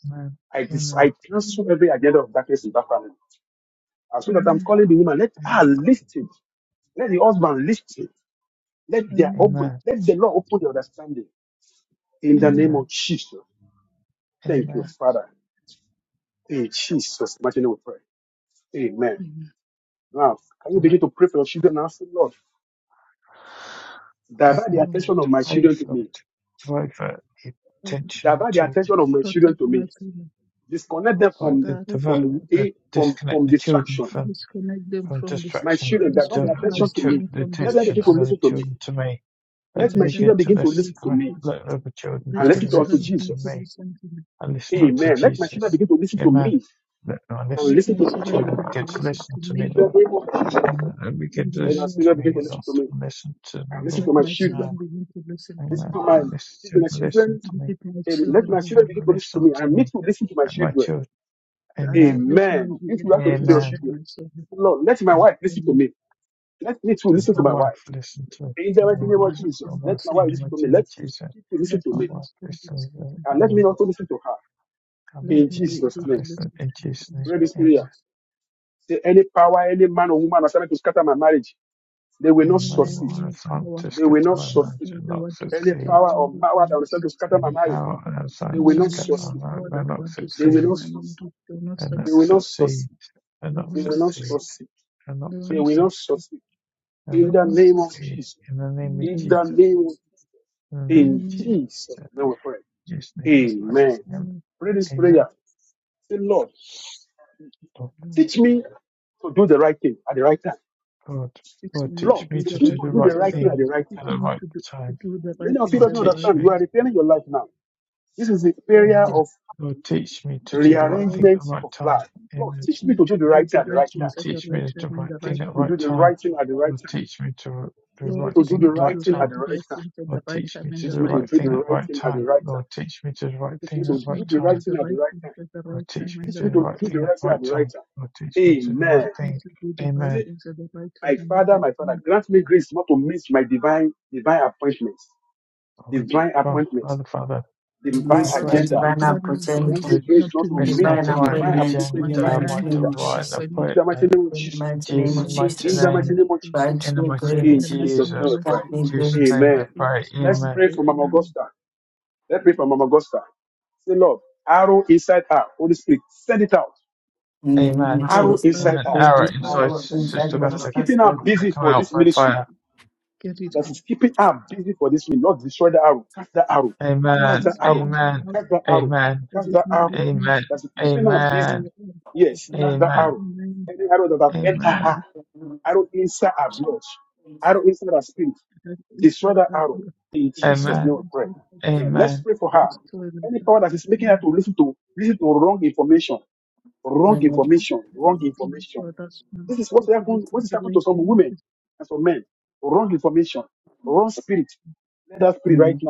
Speaker 2: Amen. Amen. Amen.
Speaker 4: Amen. Amen. Amen.
Speaker 2: Amen. Amen. Amen. Amen.
Speaker 4: Amen. Amen.
Speaker 2: Revive my daughter. Revive, Lord. Revive uh, the
Speaker 4: Lord,
Speaker 2: attention my children.
Speaker 4: God, protect my
Speaker 2: Divert the,
Speaker 4: children.
Speaker 2: divert the, disconnect the children from,
Speaker 4: Disconnect them
Speaker 2: from
Speaker 4: from this,
Speaker 2: distraction.
Speaker 4: disconnect
Speaker 2: Divert
Speaker 4: my
Speaker 2: the, ch-
Speaker 4: children
Speaker 2: the
Speaker 4: from
Speaker 2: attention of
Speaker 4: distraction.
Speaker 2: other children to me. Let them
Speaker 4: Let them
Speaker 2: begin to
Speaker 4: begin to
Speaker 2: listen to me.
Speaker 4: listen to me.
Speaker 2: Let other children
Speaker 4: Let my
Speaker 2: begin to
Speaker 4: children
Speaker 2: listen to
Speaker 4: begin to
Speaker 2: me
Speaker 4: listen to
Speaker 2: and listen unto Jesus.
Speaker 4: me.
Speaker 2: Amen. Let- Now listen,
Speaker 4: Let my children
Speaker 2: children,
Speaker 4: begin
Speaker 2: begin
Speaker 4: to
Speaker 2: to
Speaker 4: listen
Speaker 2: listen
Speaker 4: to
Speaker 2: to me,
Speaker 4: me
Speaker 2: Lord. Amen. And
Speaker 4: in
Speaker 2: begin
Speaker 4: the
Speaker 2: to
Speaker 4: name
Speaker 2: listen
Speaker 4: of
Speaker 2: to me, Lord.
Speaker 4: Jesus.
Speaker 2: And listen to the Lord.
Speaker 4: Let my children
Speaker 2: Amen.
Speaker 4: begin to listen to me.
Speaker 2: Amen. Let my children listen to me.
Speaker 4: Visit my
Speaker 2: Let my
Speaker 4: children, Lord.
Speaker 2: children listen to me. Let my children.
Speaker 4: I-
Speaker 2: Amen.
Speaker 4: Let me be able to listen
Speaker 2: Amen.
Speaker 4: to my children.
Speaker 2: And
Speaker 4: Amen.
Speaker 2: my
Speaker 4: Lord,
Speaker 2: wife listen to me. Let me
Speaker 4: let my
Speaker 2: listen my
Speaker 4: husband
Speaker 2: wife
Speaker 4: listen
Speaker 2: in
Speaker 4: to
Speaker 2: my
Speaker 4: me.
Speaker 2: name Jesus.
Speaker 4: Let
Speaker 2: My
Speaker 4: my
Speaker 2: wife
Speaker 4: husband
Speaker 2: listens to
Speaker 4: listen
Speaker 2: it.
Speaker 4: to me.
Speaker 2: Amen. Come
Speaker 4: Let
Speaker 2: and
Speaker 4: me
Speaker 2: we
Speaker 4: be
Speaker 2: also
Speaker 4: able to
Speaker 2: listen
Speaker 4: listen
Speaker 2: in
Speaker 4: to
Speaker 2: Jesus'
Speaker 4: him.
Speaker 2: name. Amen.
Speaker 4: Any
Speaker 2: Anyone
Speaker 4: man,
Speaker 2: who
Speaker 4: any
Speaker 2: has
Speaker 4: power
Speaker 2: Sanctus
Speaker 4: and
Speaker 2: Catalano
Speaker 4: all
Speaker 2: shall
Speaker 4: that
Speaker 2: not
Speaker 4: want to scatter
Speaker 2: succeed.
Speaker 4: my marriage will not succeed.
Speaker 2: Any power and has
Speaker 4: Any
Speaker 2: Sanctus
Speaker 4: man of
Speaker 2: Catalano
Speaker 4: power
Speaker 2: will
Speaker 4: that
Speaker 2: not
Speaker 4: want to scatter
Speaker 2: succeed.
Speaker 4: my marriage will not
Speaker 2: And not
Speaker 4: succeed.
Speaker 2: succeed. And
Speaker 4: They
Speaker 2: not
Speaker 4: will not
Speaker 2: succeed.
Speaker 4: succeed.
Speaker 2: And not
Speaker 4: They will not
Speaker 2: succeed.
Speaker 4: succeed.
Speaker 2: And
Speaker 4: They
Speaker 2: not
Speaker 4: will not succeed.
Speaker 2: succeed. In the name
Speaker 4: In
Speaker 2: of
Speaker 4: the name
Speaker 2: Jesus.
Speaker 4: of Jesus.
Speaker 2: In the
Speaker 4: In
Speaker 2: name
Speaker 4: the
Speaker 2: of Jesus.
Speaker 4: name
Speaker 2: Jesus' name I
Speaker 4: of
Speaker 2: pray.
Speaker 4: Jesus. In the
Speaker 2: Amen.
Speaker 4: name of
Speaker 2: Amen.
Speaker 4: Jesus.
Speaker 2: Lord,
Speaker 4: Lord,
Speaker 2: Lord,
Speaker 4: fix
Speaker 2: Lord,
Speaker 4: me
Speaker 2: teach
Speaker 4: to
Speaker 2: me
Speaker 4: do the
Speaker 2: to do
Speaker 4: right
Speaker 2: the
Speaker 4: things
Speaker 2: right
Speaker 4: at the right.
Speaker 2: thing
Speaker 4: Teach
Speaker 2: at the
Speaker 4: me
Speaker 2: right
Speaker 4: to do, to
Speaker 2: time.
Speaker 4: do the right things
Speaker 2: Lord,
Speaker 4: at the
Speaker 2: teach
Speaker 4: right
Speaker 2: me.
Speaker 4: time. Lord, teach,
Speaker 2: Amen. Lord, teach me to do the right
Speaker 4: Lord,
Speaker 2: thing at the right time. Amen.
Speaker 4: teach me to do the right
Speaker 2: You will
Speaker 4: things at the
Speaker 2: teach me
Speaker 4: right
Speaker 2: to do
Speaker 4: time
Speaker 2: the
Speaker 4: and
Speaker 2: right
Speaker 4: the right
Speaker 2: thing at the
Speaker 4: man.
Speaker 2: right time. You will teach me to do the
Speaker 4: Lord,
Speaker 2: right
Speaker 4: teach
Speaker 2: thing
Speaker 4: me
Speaker 2: at the
Speaker 4: to
Speaker 2: right
Speaker 4: do right,
Speaker 2: time.
Speaker 4: the right things at the
Speaker 2: Lord,
Speaker 4: right
Speaker 2: teach
Speaker 4: time
Speaker 2: me to
Speaker 4: and the
Speaker 2: do the
Speaker 4: right
Speaker 2: right thing
Speaker 4: man.
Speaker 2: at the right time. Lord, teach me to do the right thing at the
Speaker 4: Teach
Speaker 2: right
Speaker 4: me to do
Speaker 2: time.
Speaker 4: the right things at the right
Speaker 2: Lord,
Speaker 4: time
Speaker 2: teach me
Speaker 4: and the
Speaker 2: to do the
Speaker 4: right
Speaker 2: right
Speaker 4: way.
Speaker 2: thing at the right time. Lord, teach me to do the right
Speaker 4: Teach me
Speaker 2: thing.
Speaker 4: to do the right
Speaker 2: Amen.
Speaker 4: things at the right time and the right manner.
Speaker 2: Lord,
Speaker 4: Lord,
Speaker 2: Father, Father, grant me
Speaker 1: Release my
Speaker 4: Father,
Speaker 2: grace not
Speaker 1: divine
Speaker 2: to
Speaker 4: grant me
Speaker 2: not
Speaker 1: opportunity.
Speaker 4: grace
Speaker 2: to
Speaker 4: not to
Speaker 2: miss
Speaker 4: miss
Speaker 2: my
Speaker 4: my
Speaker 1: divine
Speaker 2: divine
Speaker 4: divine,
Speaker 1: appointments
Speaker 4: my
Speaker 1: in the
Speaker 2: agenda, my
Speaker 1: mighty
Speaker 4: divine
Speaker 1: name of
Speaker 4: uh,
Speaker 2: divine
Speaker 1: Jesus.
Speaker 4: appointment.
Speaker 2: appointment.
Speaker 1: In the
Speaker 2: In
Speaker 1: mighty name
Speaker 4: In
Speaker 1: of
Speaker 2: Jesus'
Speaker 4: the
Speaker 2: mighty
Speaker 4: mighty
Speaker 1: Jesus.
Speaker 4: name
Speaker 2: name,
Speaker 4: of Jesus.
Speaker 2: in
Speaker 1: Grant
Speaker 2: the
Speaker 1: me
Speaker 2: mighty name
Speaker 4: In
Speaker 2: of
Speaker 4: the
Speaker 1: grace.
Speaker 4: mighty name
Speaker 2: Jesus,
Speaker 4: of
Speaker 1: Grant me
Speaker 2: in
Speaker 4: Jesus.
Speaker 2: Jesus'
Speaker 1: grace.
Speaker 2: name
Speaker 4: In
Speaker 2: we pray.
Speaker 4: Jesus' name we
Speaker 2: Amen.
Speaker 4: pray. Amen.
Speaker 1: In the
Speaker 2: Amen.
Speaker 1: name of
Speaker 4: Lord,
Speaker 1: Jesus.
Speaker 4: arrow
Speaker 2: Amen.
Speaker 4: inside
Speaker 1: Every
Speaker 2: Arrow inside
Speaker 1: arrow inside
Speaker 2: Sister
Speaker 1: my
Speaker 4: among us.
Speaker 2: Gutter
Speaker 1: orchestra.
Speaker 2: come out by fire.
Speaker 4: Get it out. Let
Speaker 2: Amen.
Speaker 4: me sleep in
Speaker 2: Amen.
Speaker 4: the out
Speaker 2: Amen.
Speaker 4: of this minute.
Speaker 2: Amen. Amen.
Speaker 4: This prayer. Destroy all
Speaker 2: Amen.
Speaker 4: in
Speaker 2: Amen. Amen.
Speaker 4: my that there are other
Speaker 2: Amen.
Speaker 4: interested
Speaker 2: Amen.
Speaker 4: disclaimer and and so that's not to to listen to the information
Speaker 1: Mm.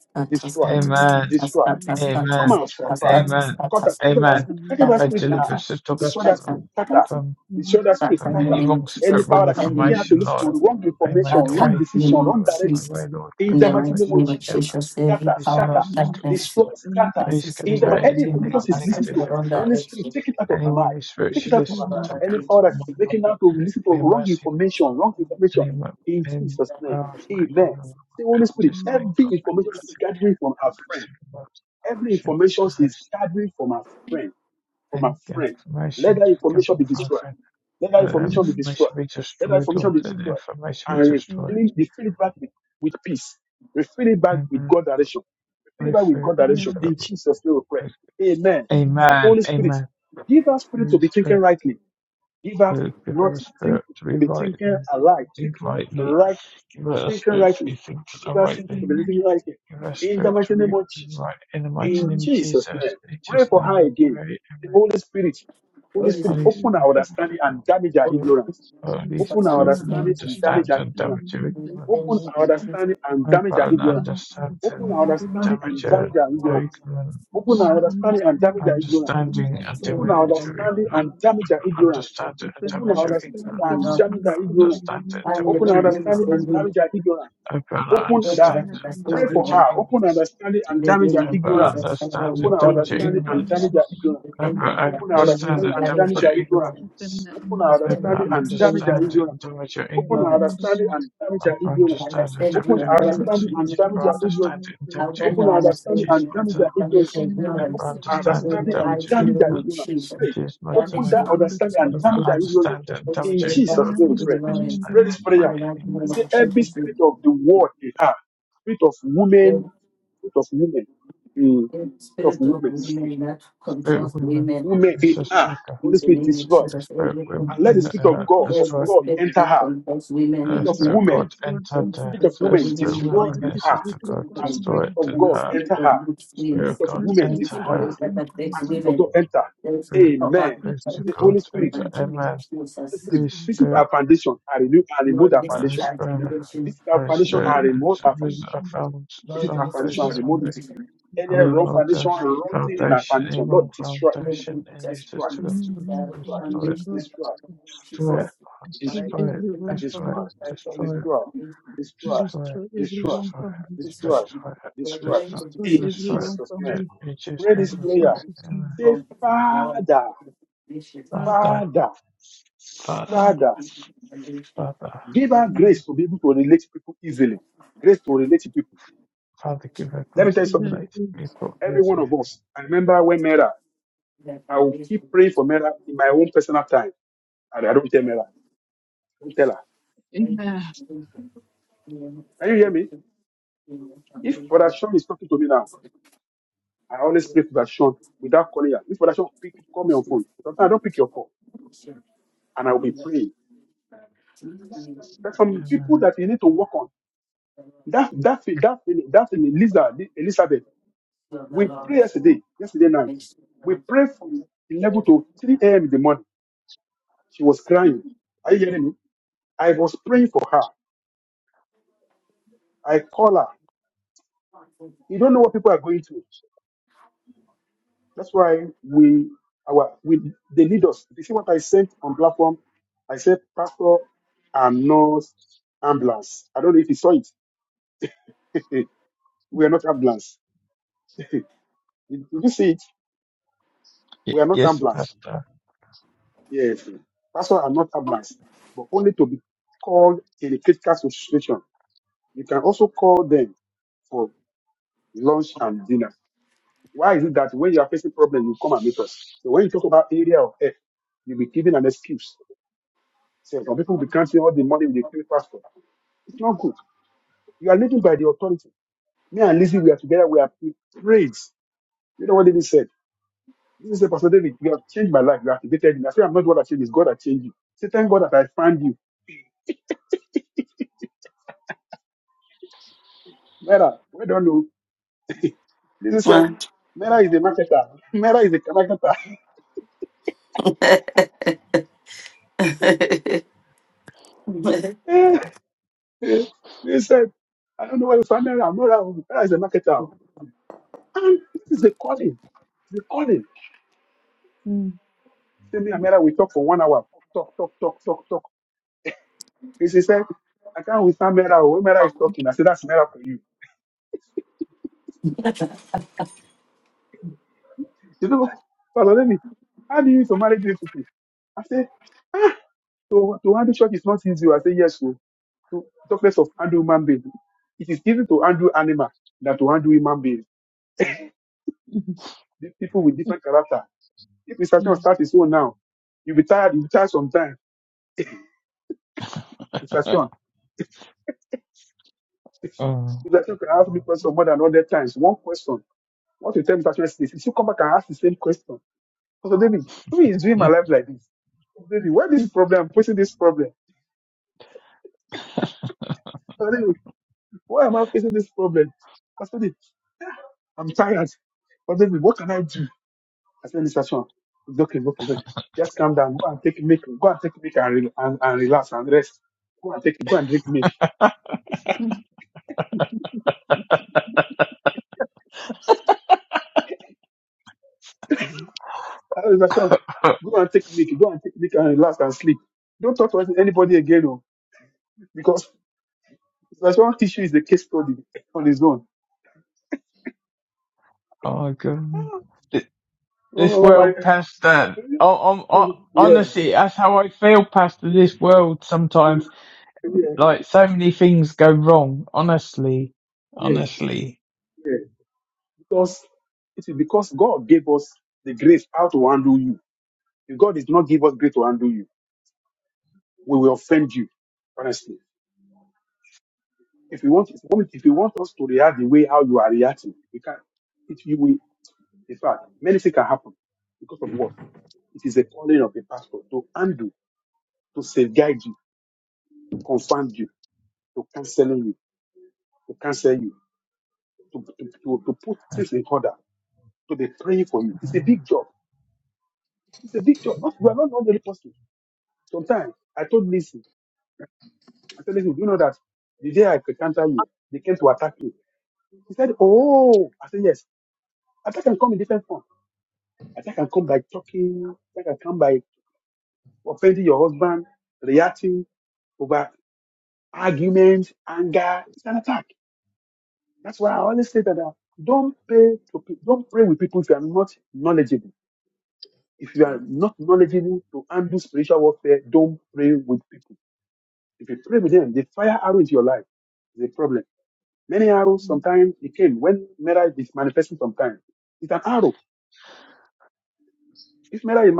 Speaker 1: Scatters, scatters,
Speaker 4: and
Speaker 1: scatters, scatters,
Speaker 4: and
Speaker 1: scatters,
Speaker 2: Amen.
Speaker 1: scatters,
Speaker 4: and
Speaker 2: Amen.
Speaker 1: scatters,
Speaker 2: Amen.
Speaker 4: and
Speaker 2: I
Speaker 1: scatters, scatters,
Speaker 2: deliver
Speaker 1: scatters,
Speaker 2: Sister Gutter
Speaker 1: scatters,
Speaker 2: from
Speaker 1: scatters,
Speaker 2: from
Speaker 4: and
Speaker 1: Father,
Speaker 2: from
Speaker 1: in the
Speaker 2: any
Speaker 1: name of
Speaker 2: wrong
Speaker 1: Jesus,
Speaker 2: spirit, wrong
Speaker 1: Father, in the name of
Speaker 2: information,
Speaker 4: and
Speaker 2: Lord.
Speaker 1: Jesus,
Speaker 2: I make a
Speaker 1: Father,
Speaker 2: way.
Speaker 1: in the name of
Speaker 2: Lord, my way,
Speaker 1: Jesus,
Speaker 2: Lord, for
Speaker 1: in the mighty
Speaker 2: salvation,
Speaker 1: name
Speaker 2: my
Speaker 1: of
Speaker 2: heaven.
Speaker 1: Jesus, every
Speaker 2: Be
Speaker 1: power
Speaker 2: saved,
Speaker 1: of
Speaker 2: Sister.
Speaker 4: and
Speaker 1: darkness
Speaker 2: Gutter.
Speaker 1: that
Speaker 2: Please
Speaker 1: is
Speaker 2: consider any
Speaker 1: revolting on
Speaker 2: neg-
Speaker 1: our past
Speaker 2: negative
Speaker 1: around our
Speaker 2: influences.
Speaker 1: religion.
Speaker 2: Anyone who spiritually listens to
Speaker 4: understand.
Speaker 2: counsel will not be mercy. Anyone Any powers making the Lord disconnect from mercy and mercy loves oppression, and the information coming from friend. Let the information be destroyed, Lord. Let the information be destroyed. Amen. We fill, we
Speaker 4: Amen.
Speaker 2: fill up with praise. Amen. Amen. Please pray. Uh, give her a spirit to be right and think rightly. Give her a spirit to be thinking rightly. Give her a spirit to be right. In the mighty name of Jesus, in Jesus' name we pray. Amen.
Speaker 1: Holy
Speaker 2: Holy
Speaker 1: Spirit,
Speaker 2: Spirit,
Speaker 1: open our
Speaker 2: Holy
Speaker 1: hearts
Speaker 2: Spirit,
Speaker 1: and
Speaker 2: open our
Speaker 1: understanding,
Speaker 2: understanding and damage your ignorance.
Speaker 1: and knowledge of the Lord.
Speaker 4: I can understand.
Speaker 2: Open
Speaker 4: I
Speaker 2: our
Speaker 4: cannot
Speaker 2: understanding and damage
Speaker 1: Open
Speaker 4: understand.
Speaker 1: our
Speaker 2: our
Speaker 1: understanding
Speaker 4: Open
Speaker 2: ignorance.
Speaker 4: her understanding. Open me.
Speaker 2: Understanding and
Speaker 1: and
Speaker 4: understanding.
Speaker 1: knowledge
Speaker 2: damage
Speaker 1: of
Speaker 2: your
Speaker 1: the Lord.
Speaker 2: ignorance. Understanding and
Speaker 1: en
Speaker 4: Open her.
Speaker 2: damage your
Speaker 1: financial
Speaker 4: Open
Speaker 1: challenge
Speaker 4: her
Speaker 2: ignorance.
Speaker 1: office.
Speaker 4: understanding and then
Speaker 2: Understanding
Speaker 4: make
Speaker 2: and
Speaker 4: it
Speaker 1: I live
Speaker 2: damage
Speaker 1: in
Speaker 2: your
Speaker 4: clear.
Speaker 1: the every
Speaker 2: ignorance.
Speaker 4: Open
Speaker 1: station,
Speaker 4: her.
Speaker 2: Abella
Speaker 1: the book
Speaker 4: Open
Speaker 2: understands
Speaker 4: her
Speaker 2: and W.
Speaker 4: understanding.
Speaker 1: station,
Speaker 2: England.
Speaker 1: and they do my
Speaker 2: Abba
Speaker 1: kids at Shandra
Speaker 2: understands and
Speaker 1: with paper
Speaker 2: W.
Speaker 1: in the
Speaker 4: Open
Speaker 1: book.
Speaker 2: England.
Speaker 4: her understanding.
Speaker 1: They've
Speaker 4: Open
Speaker 1: been
Speaker 4: her
Speaker 1: here,
Speaker 2: Abba
Speaker 1: I've been here,
Speaker 4: statements.
Speaker 2: understands and
Speaker 1: that is
Speaker 2: W.
Speaker 1: what the are doing.
Speaker 2: England.
Speaker 4: Open her
Speaker 1: I think
Speaker 4: understanding
Speaker 2: Abba
Speaker 1: we
Speaker 4: and then
Speaker 1: must stay
Speaker 4: make
Speaker 2: understands
Speaker 1: and that
Speaker 2: and W.
Speaker 4: her
Speaker 1: is what we're
Speaker 2: England.
Speaker 1: doing.
Speaker 4: ignorance.
Speaker 2: Abba
Speaker 1: I
Speaker 2: understands and
Speaker 1: understand
Speaker 2: W.
Speaker 1: you and
Speaker 4: Open
Speaker 2: England.
Speaker 1: that
Speaker 4: her
Speaker 1: is what we're
Speaker 2: Abba
Speaker 4: understanding
Speaker 1: doing.
Speaker 4: and then
Speaker 2: understands
Speaker 4: make
Speaker 2: and
Speaker 4: her
Speaker 2: W.
Speaker 1: Antonio
Speaker 2: England.
Speaker 4: ignorance.
Speaker 1: on the
Speaker 2: It
Speaker 1: stage
Speaker 2: is my time.
Speaker 1: and banish
Speaker 4: Open her
Speaker 2: Abba
Speaker 1: ignorance
Speaker 4: understanding and
Speaker 2: understands
Speaker 4: then
Speaker 1: in
Speaker 2: and
Speaker 1: the
Speaker 2: W.
Speaker 4: make her
Speaker 1: mighty name
Speaker 4: ignorance.
Speaker 1: of
Speaker 2: England.
Speaker 1: Jesus.
Speaker 2: It is my
Speaker 4: Open
Speaker 2: time.
Speaker 1: Banish
Speaker 4: her
Speaker 1: ignorance for
Speaker 4: understanding.
Speaker 1: this
Speaker 2: Abba
Speaker 1: position.
Speaker 2: understands and
Speaker 1: Holy
Speaker 2: W.
Speaker 1: Spirit,
Speaker 4: Open her
Speaker 1: banish
Speaker 2: England. It
Speaker 4: understanding
Speaker 2: is
Speaker 4: and
Speaker 1: ignorance
Speaker 2: my
Speaker 4: then
Speaker 2: will
Speaker 4: make
Speaker 1: in
Speaker 4: her
Speaker 1: the
Speaker 2: pray.
Speaker 1: mighty
Speaker 2: Amen.
Speaker 1: name of Jesus.
Speaker 4: ignorance.
Speaker 1: In, the spirit of women that
Speaker 2: Spirit of
Speaker 1: controls
Speaker 2: women.
Speaker 1: women
Speaker 2: in sister
Speaker 1: in the name of
Speaker 2: The
Speaker 1: Jesus.
Speaker 2: spirit
Speaker 1: Every,
Speaker 2: woman
Speaker 4: And
Speaker 2: and the uh,
Speaker 4: speak with.
Speaker 1: every
Speaker 2: destroyed
Speaker 1: spirit that controls
Speaker 2: the
Speaker 4: Let
Speaker 1: women
Speaker 4: the
Speaker 1: in
Speaker 2: spirit
Speaker 1: here
Speaker 2: of
Speaker 4: Spirit of
Speaker 2: god
Speaker 4: God
Speaker 2: entered
Speaker 1: the
Speaker 4: enter her.
Speaker 2: her.
Speaker 1: spirit
Speaker 2: The
Speaker 1: of women
Speaker 2: spirit
Speaker 1: in here
Speaker 2: woman
Speaker 4: Let
Speaker 1: that
Speaker 2: and
Speaker 4: the
Speaker 2: sister
Speaker 4: Spirit
Speaker 1: teaches
Speaker 4: of
Speaker 2: god
Speaker 4: God
Speaker 1: women,
Speaker 2: destroyed
Speaker 4: enter.
Speaker 2: in
Speaker 1: and the
Speaker 2: her.
Speaker 1: spirit of good
Speaker 2: Spirit of
Speaker 1: skills,
Speaker 2: god
Speaker 4: Let the
Speaker 1: and
Speaker 4: Spirit
Speaker 1: the
Speaker 2: enter
Speaker 4: of
Speaker 2: her.
Speaker 1: spirit
Speaker 4: God
Speaker 1: that
Speaker 4: enter the
Speaker 1: affects
Speaker 4: heart.
Speaker 1: women Deus,
Speaker 2: Spirit,
Speaker 1: ó Pai, no
Speaker 4: Let the
Speaker 2: spirit of
Speaker 4: Spirit of
Speaker 2: god
Speaker 4: God
Speaker 2: enter
Speaker 4: enter
Speaker 1: mighty
Speaker 2: a
Speaker 4: the
Speaker 1: name of
Speaker 2: man.
Speaker 4: heart. Holy
Speaker 1: Jesus,
Speaker 2: Holy
Speaker 4: Spirit,
Speaker 2: spirit,
Speaker 1: Lord, listen
Speaker 2: Holy
Speaker 1: to our
Speaker 2: spirit,
Speaker 1: conviction.
Speaker 2: Holy
Speaker 4: Holy
Speaker 2: spirit,
Speaker 4: Spirit,
Speaker 2: and
Speaker 4: visit your
Speaker 2: was a
Speaker 4: foundation.
Speaker 2: found
Speaker 1: Lord, listen to
Speaker 4: Holy
Speaker 1: our
Speaker 2: foundation.
Speaker 4: Spirit,
Speaker 2: We
Speaker 1: conviction. And I believe in
Speaker 2: removed the foundation, evil foundation, and
Speaker 1: Jesus,
Speaker 2: destroyed,
Speaker 4: any
Speaker 1: listen to our
Speaker 4: wrong
Speaker 2: destroy
Speaker 4: foundation,
Speaker 2: it,
Speaker 1: conviction,
Speaker 4: Lord,
Speaker 1: of the
Speaker 4: destroy,
Speaker 1: Lord,
Speaker 2: destroy it,
Speaker 1: Jesus.
Speaker 4: destroy
Speaker 1: Lord,
Speaker 2: destroy
Speaker 1: we
Speaker 2: it,
Speaker 4: every wrong
Speaker 1: thank you
Speaker 2: destroy it.
Speaker 4: foundation.
Speaker 1: for our
Speaker 2: Destroy
Speaker 1: conviction,
Speaker 2: Destroy it.
Speaker 4: Destroy every wrong
Speaker 2: Destroy it.
Speaker 4: foundation.
Speaker 1: Jesus.
Speaker 2: Destroy it.
Speaker 1: we
Speaker 2: Destroy it.
Speaker 1: thank you
Speaker 4: Destroy every
Speaker 2: Destroy
Speaker 4: wrong
Speaker 2: it.
Speaker 4: foundation.
Speaker 2: In Jesus' name we
Speaker 4: In
Speaker 2: pray.
Speaker 4: Jesus'
Speaker 2: Amen.
Speaker 4: name,
Speaker 1: for our conviction, Lord, listen to our
Speaker 4: Father,
Speaker 2: Father, Father,
Speaker 4: Father,
Speaker 2: Father,
Speaker 4: Father,
Speaker 1: Well,
Speaker 2: Father, give us grace
Speaker 4: give
Speaker 2: to
Speaker 4: that
Speaker 2: relate to
Speaker 4: grace.
Speaker 2: people easily.
Speaker 4: Amen.
Speaker 2: Amen. Y- yes, Pastor.
Speaker 4: Mm, mm, mm, mm,
Speaker 2: oh.
Speaker 4: mm. mm.
Speaker 2: oh, God. Th- This world, Pastor. Oh, um, oh, honestly, that's how I feel, Pastor. This world sometimes. Like, so many things go wrong. Honestly. Honestly.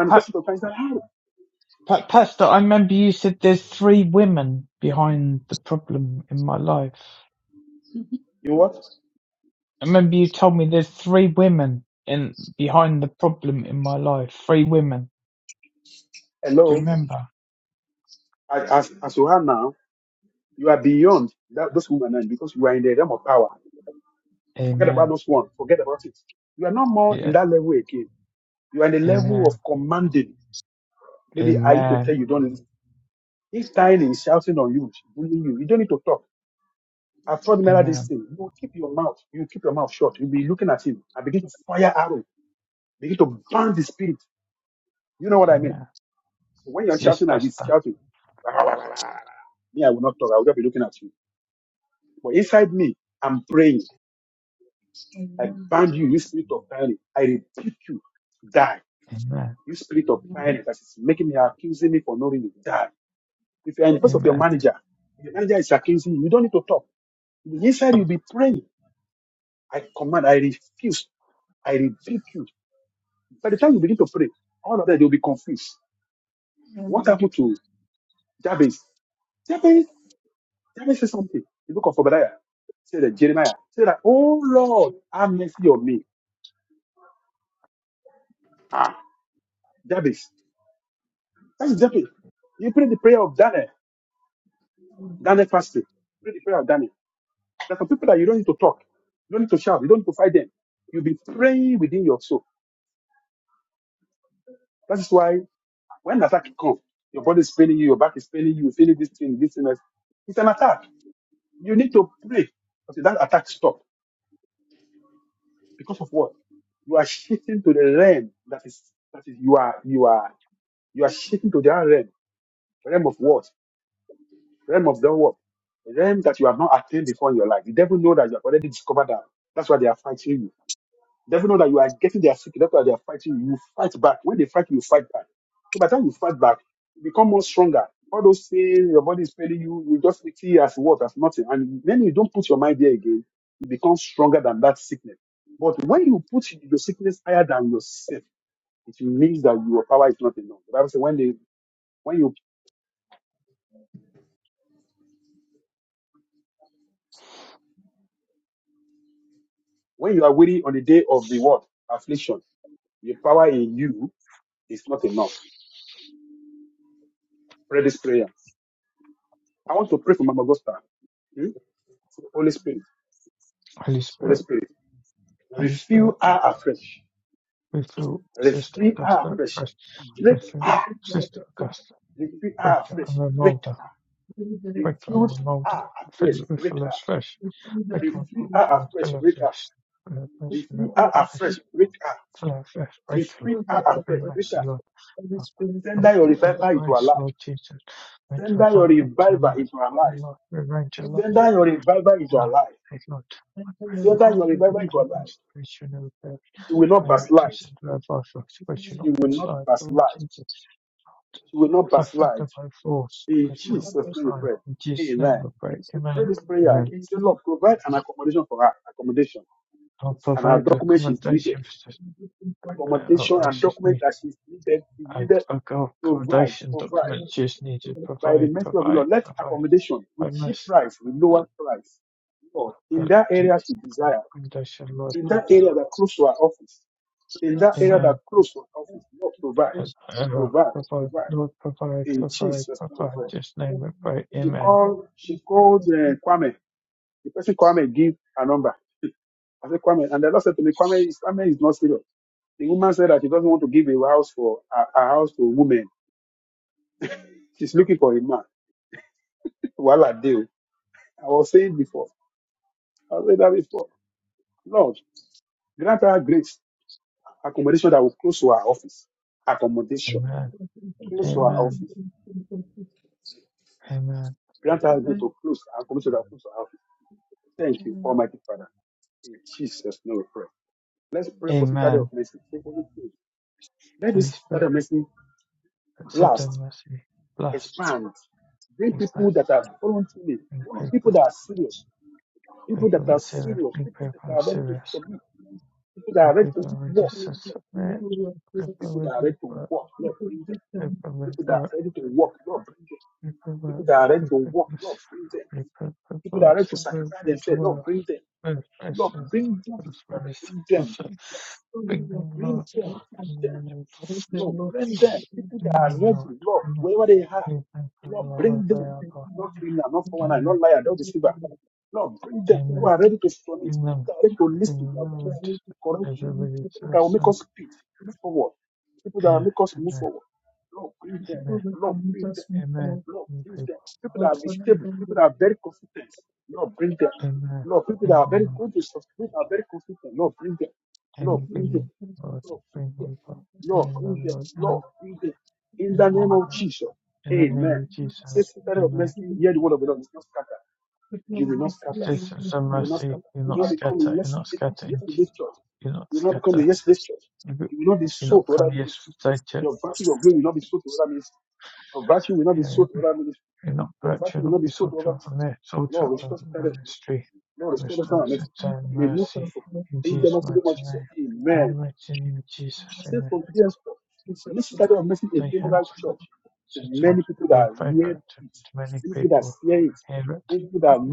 Speaker 2: Pa- Pa- Pastor, I remember you said there's three women behind the problem in my life. I remember you told me there's three women in behind the problem in my life. Three women. Do you remember? Amen. Yeah. Amen. Amen. Amen. Amen. Yes, Pastor.
Speaker 4: Amen.
Speaker 2: Amen. A-
Speaker 4: Amen.
Speaker 2: Amen.
Speaker 4: Amen. Holy spirit
Speaker 2: Holy
Speaker 4: we
Speaker 2: Spirit. Holy Spirit. We feel Sister Augusta fresh. We feel Sister Augusta. Breaker and remolder. Baker and Mulder fill with flash fish. Baker and Mulder fill fish. Fill fish and fish. Fill fish. Baker Lord. Baker be mercy Lord. Humphrey friend of grace, Lord Jesus. Range of life unto life. And life. Rearrange your
Speaker 4: Thank
Speaker 2: life.
Speaker 4: you. for this. And we thank
Speaker 2: And Lord. Hey Lord.
Speaker 4: you for your
Speaker 2: Pray Lord.
Speaker 4: revival in
Speaker 2: Pray
Speaker 4: the
Speaker 2: friend of
Speaker 4: future.
Speaker 2: grace. Pray you never perish.
Speaker 4: We
Speaker 2: My Lord Jesus. Revive us. Pray you not backslide. Lord Jesus. If I find them by force, I shall not
Speaker 4: have the time
Speaker 2: backslide.
Speaker 4: to
Speaker 2: In Jesus' name we pray.
Speaker 4: face the
Speaker 2: Amen.
Speaker 4: family to
Speaker 2: Amen.
Speaker 4: able to
Speaker 2: I'll provide accommodation for this
Speaker 4: be looking for the
Speaker 2: uh, what she's need ac- ac- accommodation document
Speaker 4: future.
Speaker 2: she's needed. Provide, provide, provide. I must uh, uh, do accommodation, Lord bless.
Speaker 4: We are set
Speaker 2: Amen. Uh,
Speaker 4: precious in
Speaker 2: uh,
Speaker 4: the first time
Speaker 2: provide, Lord provide, provide, provide. Just name it,
Speaker 4: of
Speaker 2: pray.
Speaker 4: the one
Speaker 2: Amen.
Speaker 4: who has been present. We
Speaker 2: Amen.
Speaker 4: thank you for
Speaker 2: Amen.
Speaker 4: the
Speaker 2: Amen.
Speaker 4: future. Thank you.
Speaker 2: Amen. Holy Spirit, accept and mercy, blessed, expecting paper, people that are serious, big people that are serious. A
Speaker 4: are
Speaker 2: Paperweight
Speaker 4: still
Speaker 2: Sesame Paperweight were Paperweight were Paperweight Papers Paper Papers Paperweight Papers Papers Papers Bigger Lord
Speaker 4: select and
Speaker 2: Bigger Lord
Speaker 4: take the law into the
Speaker 2: Bigger
Speaker 4: system
Speaker 2: Lord Bigger Lord
Speaker 4: and the
Speaker 2: Bigger
Speaker 4: people who
Speaker 2: Amen
Speaker 4: are not
Speaker 2: Amen Paperweight
Speaker 4: very
Speaker 2: Paperweight
Speaker 4: committed.
Speaker 2: Sesame Amen Amen
Speaker 4: The people
Speaker 2: Amen
Speaker 4: that meet us with
Speaker 2: Amen
Speaker 4: or or connect them with
Speaker 2: Amen bring them, Lord, and
Speaker 4: people who are
Speaker 2: kingdom,
Speaker 4: friends with
Speaker 2: Lord, thank you, God.
Speaker 4: us.
Speaker 2: Amen, Lord, amen,
Speaker 4: And the
Speaker 2: amen, Lord.
Speaker 4: not
Speaker 2: In the name of Jesus, amen.
Speaker 4: even the people who are still together, they
Speaker 2: Assistance and mercy, you not scatter, you not scatter, in Je- you not scatter. You be- you not come yesterday, church. You not virtue, you not be sold to from there, sold to from the ministry. Restore
Speaker 4: are
Speaker 2: sin
Speaker 4: still
Speaker 2: and mercy
Speaker 4: not
Speaker 2: in Jesus' mighty name. In the mighty name of
Speaker 4: Amen. Amen. Amen. Amen.
Speaker 2: Jesus, amen. They hands sisters being favored to, to many people here at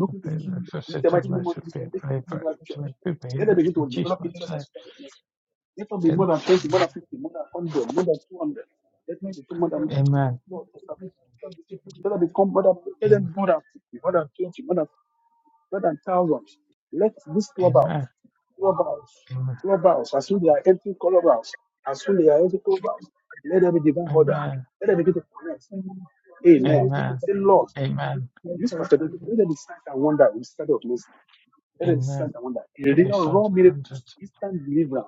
Speaker 2: I Said to of us would be a prayer for to make people hear it in Jesus' name. Am- Amen.
Speaker 4: Amen.
Speaker 2: Amen. Amen. Amen. Amen. Amen. Amen. There'll be signs of abundance.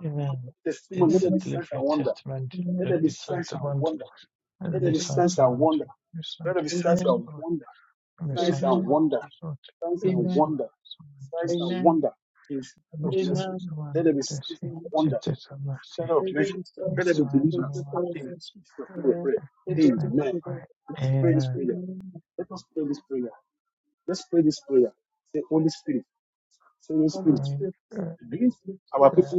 Speaker 2: Amen. It's a delivery testament. There'll be signs of abundance. There'll be signs of abundance. There'll be signs of abundance, Lord. There'll be signs of abundance, There'll be signs of
Speaker 4: Amen. Amen.
Speaker 2: abundance.
Speaker 4: Amen.
Speaker 2: There'll be signs of
Speaker 4: Amen.
Speaker 2: abundance. It's a mercy.
Speaker 4: May they be sons and
Speaker 2: signs of
Speaker 4: mothers of
Speaker 2: abundance.
Speaker 4: Jesus. Amen. May
Speaker 2: His
Speaker 4: they be
Speaker 2: name I
Speaker 4: delivered.
Speaker 2: pray. Amen.
Speaker 4: Amen. Holy
Speaker 2: Holy Spirit,
Speaker 4: Spirit,
Speaker 2: that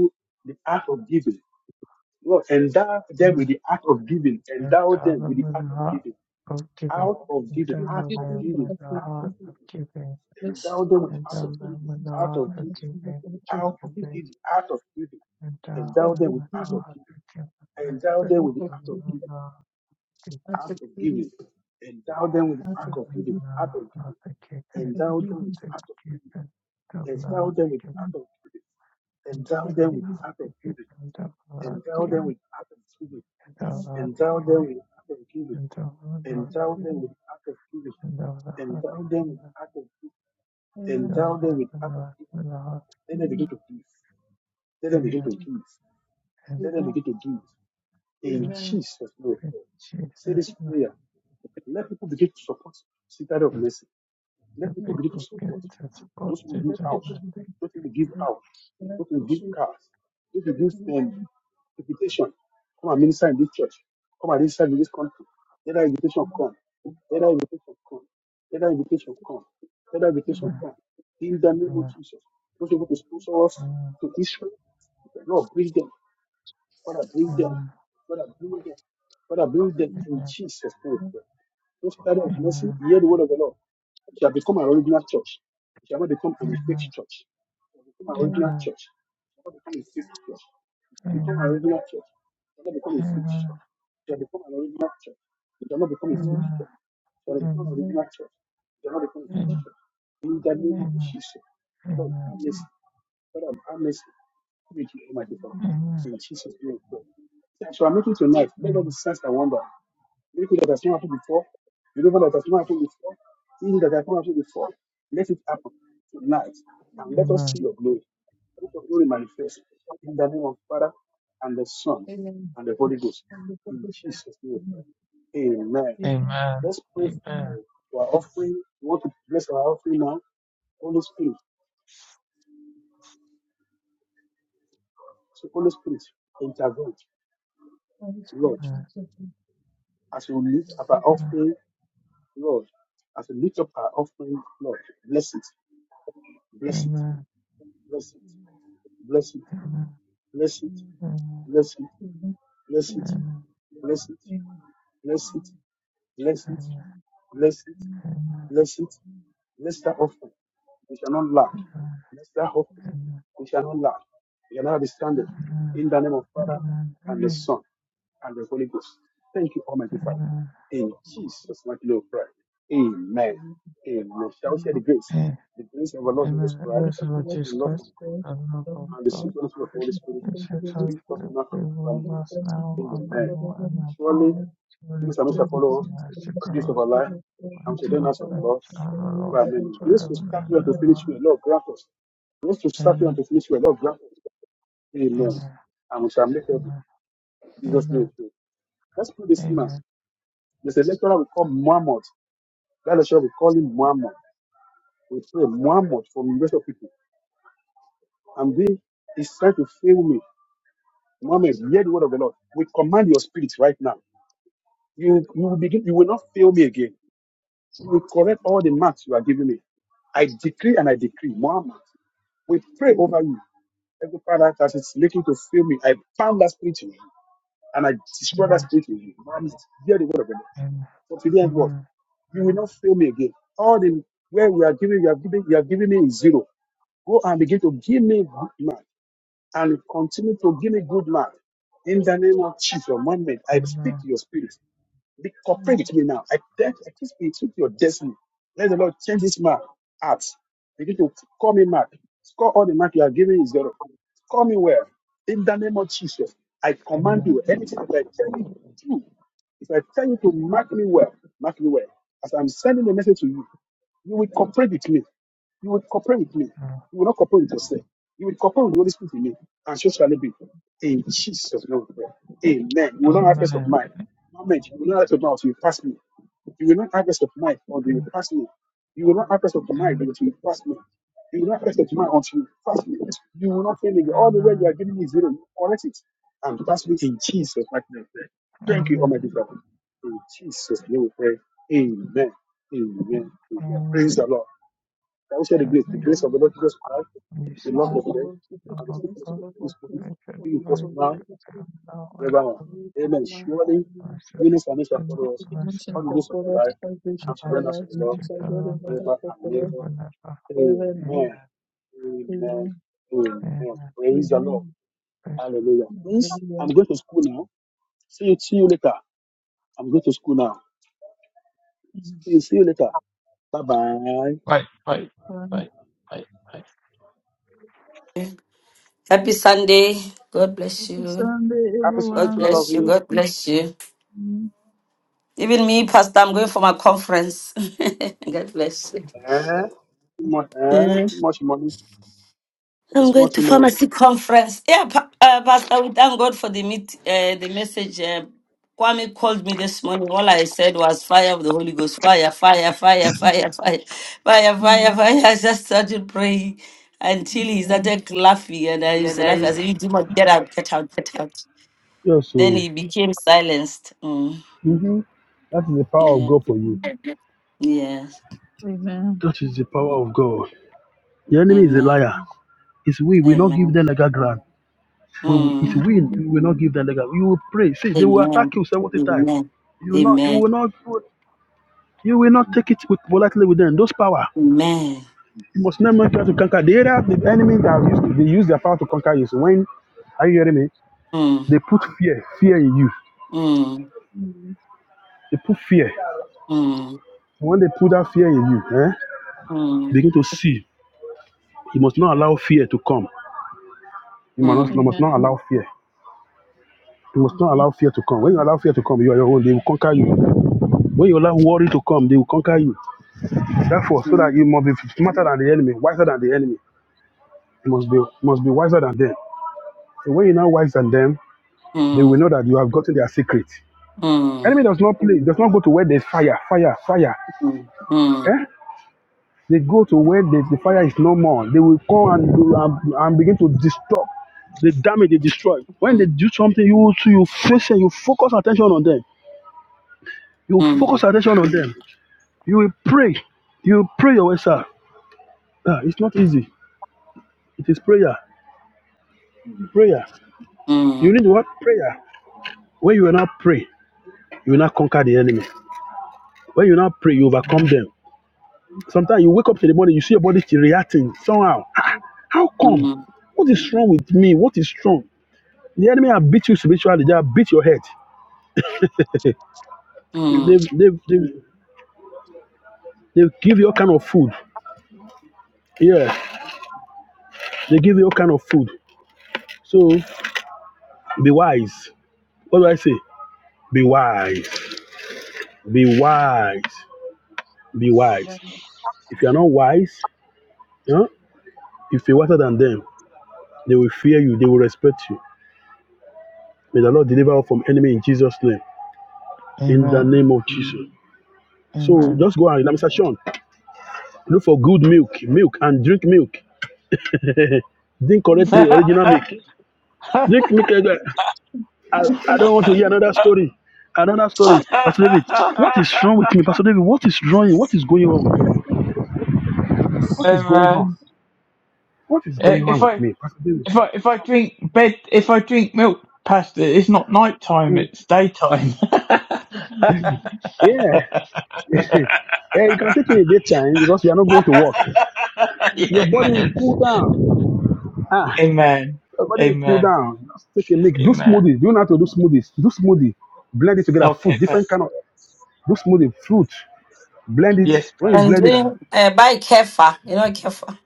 Speaker 2: you must endow them with a heart of giving.
Speaker 4: The
Speaker 2: Endow
Speaker 4: people
Speaker 2: them
Speaker 4: in the
Speaker 2: with a
Speaker 4: country,
Speaker 2: heart
Speaker 4: people
Speaker 2: of giving.
Speaker 4: less
Speaker 2: Endow
Speaker 4: certain
Speaker 2: them with a
Speaker 4: things,
Speaker 2: heart
Speaker 4: and
Speaker 2: of
Speaker 4: that's what we have
Speaker 2: giving.
Speaker 4: to do. People
Speaker 2: Giving. Endow
Speaker 4: out
Speaker 2: them
Speaker 4: of
Speaker 2: with a
Speaker 4: prison,
Speaker 2: heart of giving. I strip
Speaker 4: out of
Speaker 2: them
Speaker 4: prison,
Speaker 2: with a heart of giving.
Speaker 4: out of prison, out
Speaker 2: Endow
Speaker 4: of
Speaker 2: them
Speaker 4: prison,
Speaker 2: with a heart of
Speaker 4: out
Speaker 2: giving.
Speaker 4: of prison,
Speaker 2: To give them. Endow with a
Speaker 4: out of
Speaker 2: heart of giving.
Speaker 4: prison,
Speaker 2: Endow
Speaker 4: out of
Speaker 2: them with a
Speaker 4: prison,
Speaker 2: heart of giving. Endow with a
Speaker 4: out
Speaker 2: heart
Speaker 4: of
Speaker 2: of giving.
Speaker 4: prison,
Speaker 2: Endow
Speaker 4: out
Speaker 2: with a heart
Speaker 4: of
Speaker 2: of giving.
Speaker 4: prison,
Speaker 2: Endow with a heart of giving. and of the hot students
Speaker 4: out
Speaker 2: and
Speaker 4: of
Speaker 2: of the evangelist and the hot students
Speaker 4: prison.
Speaker 2: and the
Speaker 4: Amen.
Speaker 2: and
Speaker 4: Amen. Amen.
Speaker 2: and
Speaker 4: Amen.
Speaker 2: in Jesus name, the
Speaker 4: Not to
Speaker 2: people
Speaker 4: the
Speaker 2: get
Speaker 4: people,
Speaker 2: transported
Speaker 4: but to
Speaker 2: and I
Speaker 4: the people.
Speaker 2: think
Speaker 4: And I appreciate the two of you. Amen. Amen.
Speaker 2: amen amen amen
Speaker 4: Amen. Amen.
Speaker 2: amen amen amen amen amen amen
Speaker 4: Amen.
Speaker 2: amen
Speaker 4: Amen. Amen.
Speaker 2: amen
Speaker 4: Amen.
Speaker 2: amen
Speaker 4: Amen.
Speaker 2: amen amen amen amen amen
Speaker 4: Amen. Amen. Amen. Thank you for this. Amen.
Speaker 2: amen amen
Speaker 4: Amen.
Speaker 2: amen amen amen
Speaker 4: Amen. Holy Spirit, in such a Amen. Amen. Amen. Amen.
Speaker 2: amen
Speaker 4: Amen. Amen.
Speaker 2: amen
Speaker 4: Amen.
Speaker 2: amen
Speaker 4: Amen. Amen. Amen. Amen. Thank you for- this. Amen. Amen. Thank you
Speaker 2: Verse
Speaker 4: for the
Speaker 2: Lord
Speaker 4: word
Speaker 2: Jesus
Speaker 4: of this
Speaker 2: Christ,
Speaker 4: day.
Speaker 2: and love
Speaker 4: Lord,
Speaker 2: of
Speaker 4: we
Speaker 2: God,
Speaker 4: pray. Thank you
Speaker 2: which
Speaker 4: for
Speaker 2: has
Speaker 4: the Holy
Speaker 2: helped
Speaker 4: Spirit.
Speaker 2: people
Speaker 4: Thank
Speaker 2: us
Speaker 4: you
Speaker 2: now
Speaker 4: and
Speaker 2: and
Speaker 4: for the
Speaker 2: more and
Speaker 4: Holy
Speaker 2: now
Speaker 4: Spirit.
Speaker 2: surely
Speaker 4: Lord, we
Speaker 2: goodness
Speaker 4: give
Speaker 2: and
Speaker 4: you
Speaker 2: mercy
Speaker 4: the
Speaker 2: for
Speaker 4: rest of
Speaker 2: us,
Speaker 4: the program. Lord,
Speaker 2: and
Speaker 4: thank
Speaker 2: to
Speaker 4: you
Speaker 2: love
Speaker 4: for
Speaker 2: and
Speaker 4: life and
Speaker 2: serve
Speaker 4: for the very
Speaker 2: Lord
Speaker 4: potential for
Speaker 2: forever and
Speaker 4: life.
Speaker 2: ever.
Speaker 4: Amen.
Speaker 2: Amen. Amen. Amen. Amen. Amen. Amen. Amen. Amen. Amen.
Speaker 4: Amen.
Speaker 2: Amen.
Speaker 4: Amen. Amen.
Speaker 2: Amen. Amen. Amen. Amen. Amen. Elvira,
Speaker 4: Hallelujah.
Speaker 2: you
Speaker 4: The grace of
Speaker 2: spoke
Speaker 4: our Lord Jesus
Speaker 2: about
Speaker 4: Christ, the
Speaker 2: God,
Speaker 4: love of God, the
Speaker 2: Richard,
Speaker 4: fellowship
Speaker 2: Victor,
Speaker 4: of the Holy
Speaker 2: and
Speaker 4: Spirit,
Speaker 2: now all of
Speaker 4: be with us now and forevermore.
Speaker 2: myself, goodness,
Speaker 4: With the dimensions
Speaker 2: myself,
Speaker 4: of God, our gracious
Speaker 2: and
Speaker 4: our
Speaker 2: past,
Speaker 4: lives,
Speaker 2: and
Speaker 4: and so God
Speaker 2: children
Speaker 4: in the
Speaker 2: of
Speaker 4: house of the Lord,
Speaker 2: forever and ever.
Speaker 4: forever and ever.
Speaker 2: Amen.
Speaker 4: Amen.
Speaker 2: Amen.
Speaker 4: Amen.
Speaker 2: Praise
Speaker 4: Hallelujah. Amen.
Speaker 2: Wait, wait,
Speaker 4: Fine.
Speaker 2: wait, wait,
Speaker 1: Happy Sunday. God bless
Speaker 4: Happy
Speaker 1: you.
Speaker 4: Sunday,
Speaker 1: God
Speaker 4: everyone. God
Speaker 1: bless you.
Speaker 4: bless
Speaker 1: God
Speaker 4: you.
Speaker 1: bless you. Even me, Pastor, I'm going for my conference. God bless you. I'm going to pharmacy conference. Yeah, pa- uh, Pastor, we thank God for the meet, uh, the message. Uh, Kwame called me this morning. All I said was fire of the Holy Ghost, fire, fire, fire, fire, fire, fire,
Speaker 4: Amen.
Speaker 1: fire, fire. I just started praying until he
Speaker 4: Amen.
Speaker 1: started laughing, and I used to laugh. I said, "You do not get out, get out, get out." Then he became silenced. Mm, yeah.
Speaker 4: Amen.
Speaker 1: Yes.
Speaker 4: Amen.
Speaker 5: That is the power
Speaker 1: Mm.
Speaker 5: of God. The enemy is a
Speaker 1: Amen.
Speaker 5: liar. It's we will not give
Speaker 1: Amen.
Speaker 5: them legal ground. We will, it's
Speaker 1: Mm.
Speaker 5: we
Speaker 4: Amen.
Speaker 5: will not give them legal. You will pray. See, they will
Speaker 1: Amen.
Speaker 5: attack you seventy times.
Speaker 1: Amen.
Speaker 5: You will not. You
Speaker 1: Amen.
Speaker 5: will not. You will power.
Speaker 1: Amen.
Speaker 5: When are you hearing me?
Speaker 1: mm.
Speaker 5: You
Speaker 1: Mm,
Speaker 4: Amen.
Speaker 5: the fear.
Speaker 1: mm,
Speaker 5: When they put that fear in you, eh? You
Speaker 1: mm,
Speaker 5: begin to see. You must not allow fear to come. You must not, you
Speaker 1: mm,
Speaker 5: must not
Speaker 4: Amen.
Speaker 5: allow fear. You must not
Speaker 4: Amen.
Speaker 5: allow fear to come. When you allow fear to come, you are your own. They will conquer you. When you allow worry to come, they will conquer you. Therefore, so that
Speaker 1: mm,
Speaker 5: you must be smarter than the enemy, wiser than the enemy. You must be you must be wiser than them. And when you're now wise than them, they will
Speaker 1: mm,
Speaker 5: know that you have gotten their secret.
Speaker 1: mm,
Speaker 5: Enemy does not play, does not go to where there's fire, fire, fire.
Speaker 1: mm, mm,
Speaker 5: Eh? They go to where the, the fire is no more. They will come and, and, and begin to disturb the damage they destroy. When they
Speaker 1: mm,
Speaker 5: do something, you you face and you focus attention on them. You focus
Speaker 1: mm,
Speaker 5: attention on them. You will pray. You will pray your way, sir. Ah, it's not easy. It is prayer. Prayer. You
Speaker 1: mm,
Speaker 5: need what? Prayer. When you will not pray, you will not conquer the enemy. When you will not pray, you overcome
Speaker 2: Amen.
Speaker 5: them. Sometimes you wake up in the morning, you see your body reacting somehow. Ah, How come?
Speaker 1: mm,
Speaker 5: What is wrong with me? What is wrong? The enemy have beat you spiritually. They have beat your head. They
Speaker 1: mm.
Speaker 5: they they they give you all kind of food. Yeah, they give you all kind of food. So be wise. What do I say? Be wise. Be wise. Be wise.
Speaker 4: Amen.
Speaker 5: If you are not wise, yeah, if you're wiser than them, they will fear you. They will respect you. May the Lord deliver us from enemy in Jesus' name. In the
Speaker 2: Amen.
Speaker 5: name of Jesus. So
Speaker 2: Amen.
Speaker 5: just go and let me say, Sean, Look for good milk, milk, and drink milk. drink correct
Speaker 4: Amen.
Speaker 5: milk, original milk. Drink milk. eh, eh. I, I don't want to hear another
Speaker 2: Amen.
Speaker 5: story. Another story. Pastor David, what is wrong with me? Pastor David, what is wrong? What is going on? with me? What is going on? What is going
Speaker 2: I-
Speaker 4: Amen.
Speaker 5: on
Speaker 2: If
Speaker 5: with
Speaker 2: I
Speaker 5: me? Pastor David.
Speaker 2: if I if I drink bed if I drink milk past it, it's not night time, it's daytime.
Speaker 5: Yeah. Yeah, you can take it in the daytime because you are not going to work. Your
Speaker 2: Yeah,
Speaker 5: body will
Speaker 2: Amen.
Speaker 5: cool down. Ah,
Speaker 2: Amen.
Speaker 5: your body will cool
Speaker 2: Amen.
Speaker 5: down. Just take a milk. Do
Speaker 2: Amen.
Speaker 5: smoothies. Do you know how to do smoothies? Do smoothie. Blend it together. Food,
Speaker 2: Okay,
Speaker 5: different
Speaker 2: Pastor.
Speaker 5: kind of do smoothie, fruit. Blend it.
Speaker 4: Amen.
Speaker 2: Yes,
Speaker 5: When you
Speaker 1: And
Speaker 5: blend it,
Speaker 2: Pastor.
Speaker 1: doing uh, buy kefa, you know kefa,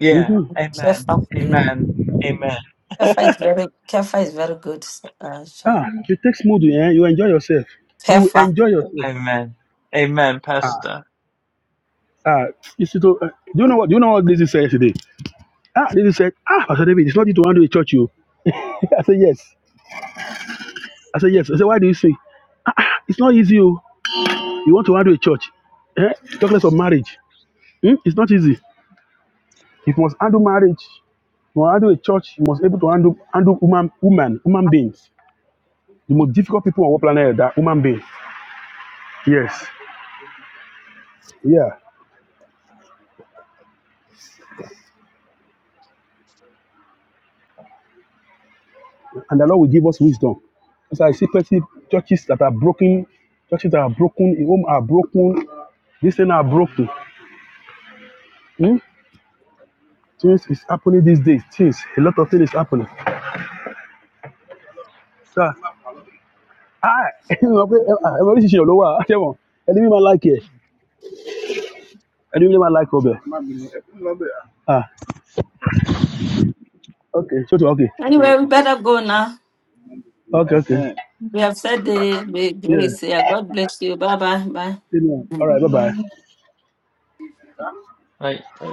Speaker 2: Yeah.
Speaker 5: hmm
Speaker 2: Amen.
Speaker 1: kefa, yeah,
Speaker 2: Amen. Amen.
Speaker 1: kefa is very kefa is very good. Uh, sure.
Speaker 5: ah, it takes mood. Yeah, you enjoy yourself. You
Speaker 1: kefa.
Speaker 5: enjoy yourself.
Speaker 2: Amen. Amen,
Speaker 5: Ah,
Speaker 2: Pastor.
Speaker 5: ah, it's to, uh, do you know what? Do you know what this is said today? Ah, this is said. Ah, Pastor David, it's not you to handle a church, you. I said yes. I said yes. I said why do you sing? Ah, ah, it's not easy. You, you want to handle a church? Eh? Talk less of marriage. Hmm? It's not easy. If you must handle marriage, you must handle a church. You must able to handle handle woman, woman, human beings. The most difficult people on our planet are human beings. Yes. Yeah. and the Lord will give us wisdom. Because I see plenty churches that are broken, churches that are broken, home are broken, this thing are broken. Hmm? Things is happening these days. Things, a lot of things is happening. So, I, everybody is your lower. Tell me, enemy man like it. Enemy man like Obe. Ah, okay, so okay,
Speaker 1: Anyway, we better go now.
Speaker 5: okay, okay.
Speaker 1: We have said the, the
Speaker 5: Yeah,
Speaker 1: grace. Yeah, God bless you. Bye bye.
Speaker 5: you know.
Speaker 1: Bye.
Speaker 5: All right, bye bye.
Speaker 4: Amen.
Speaker 2: Right, right.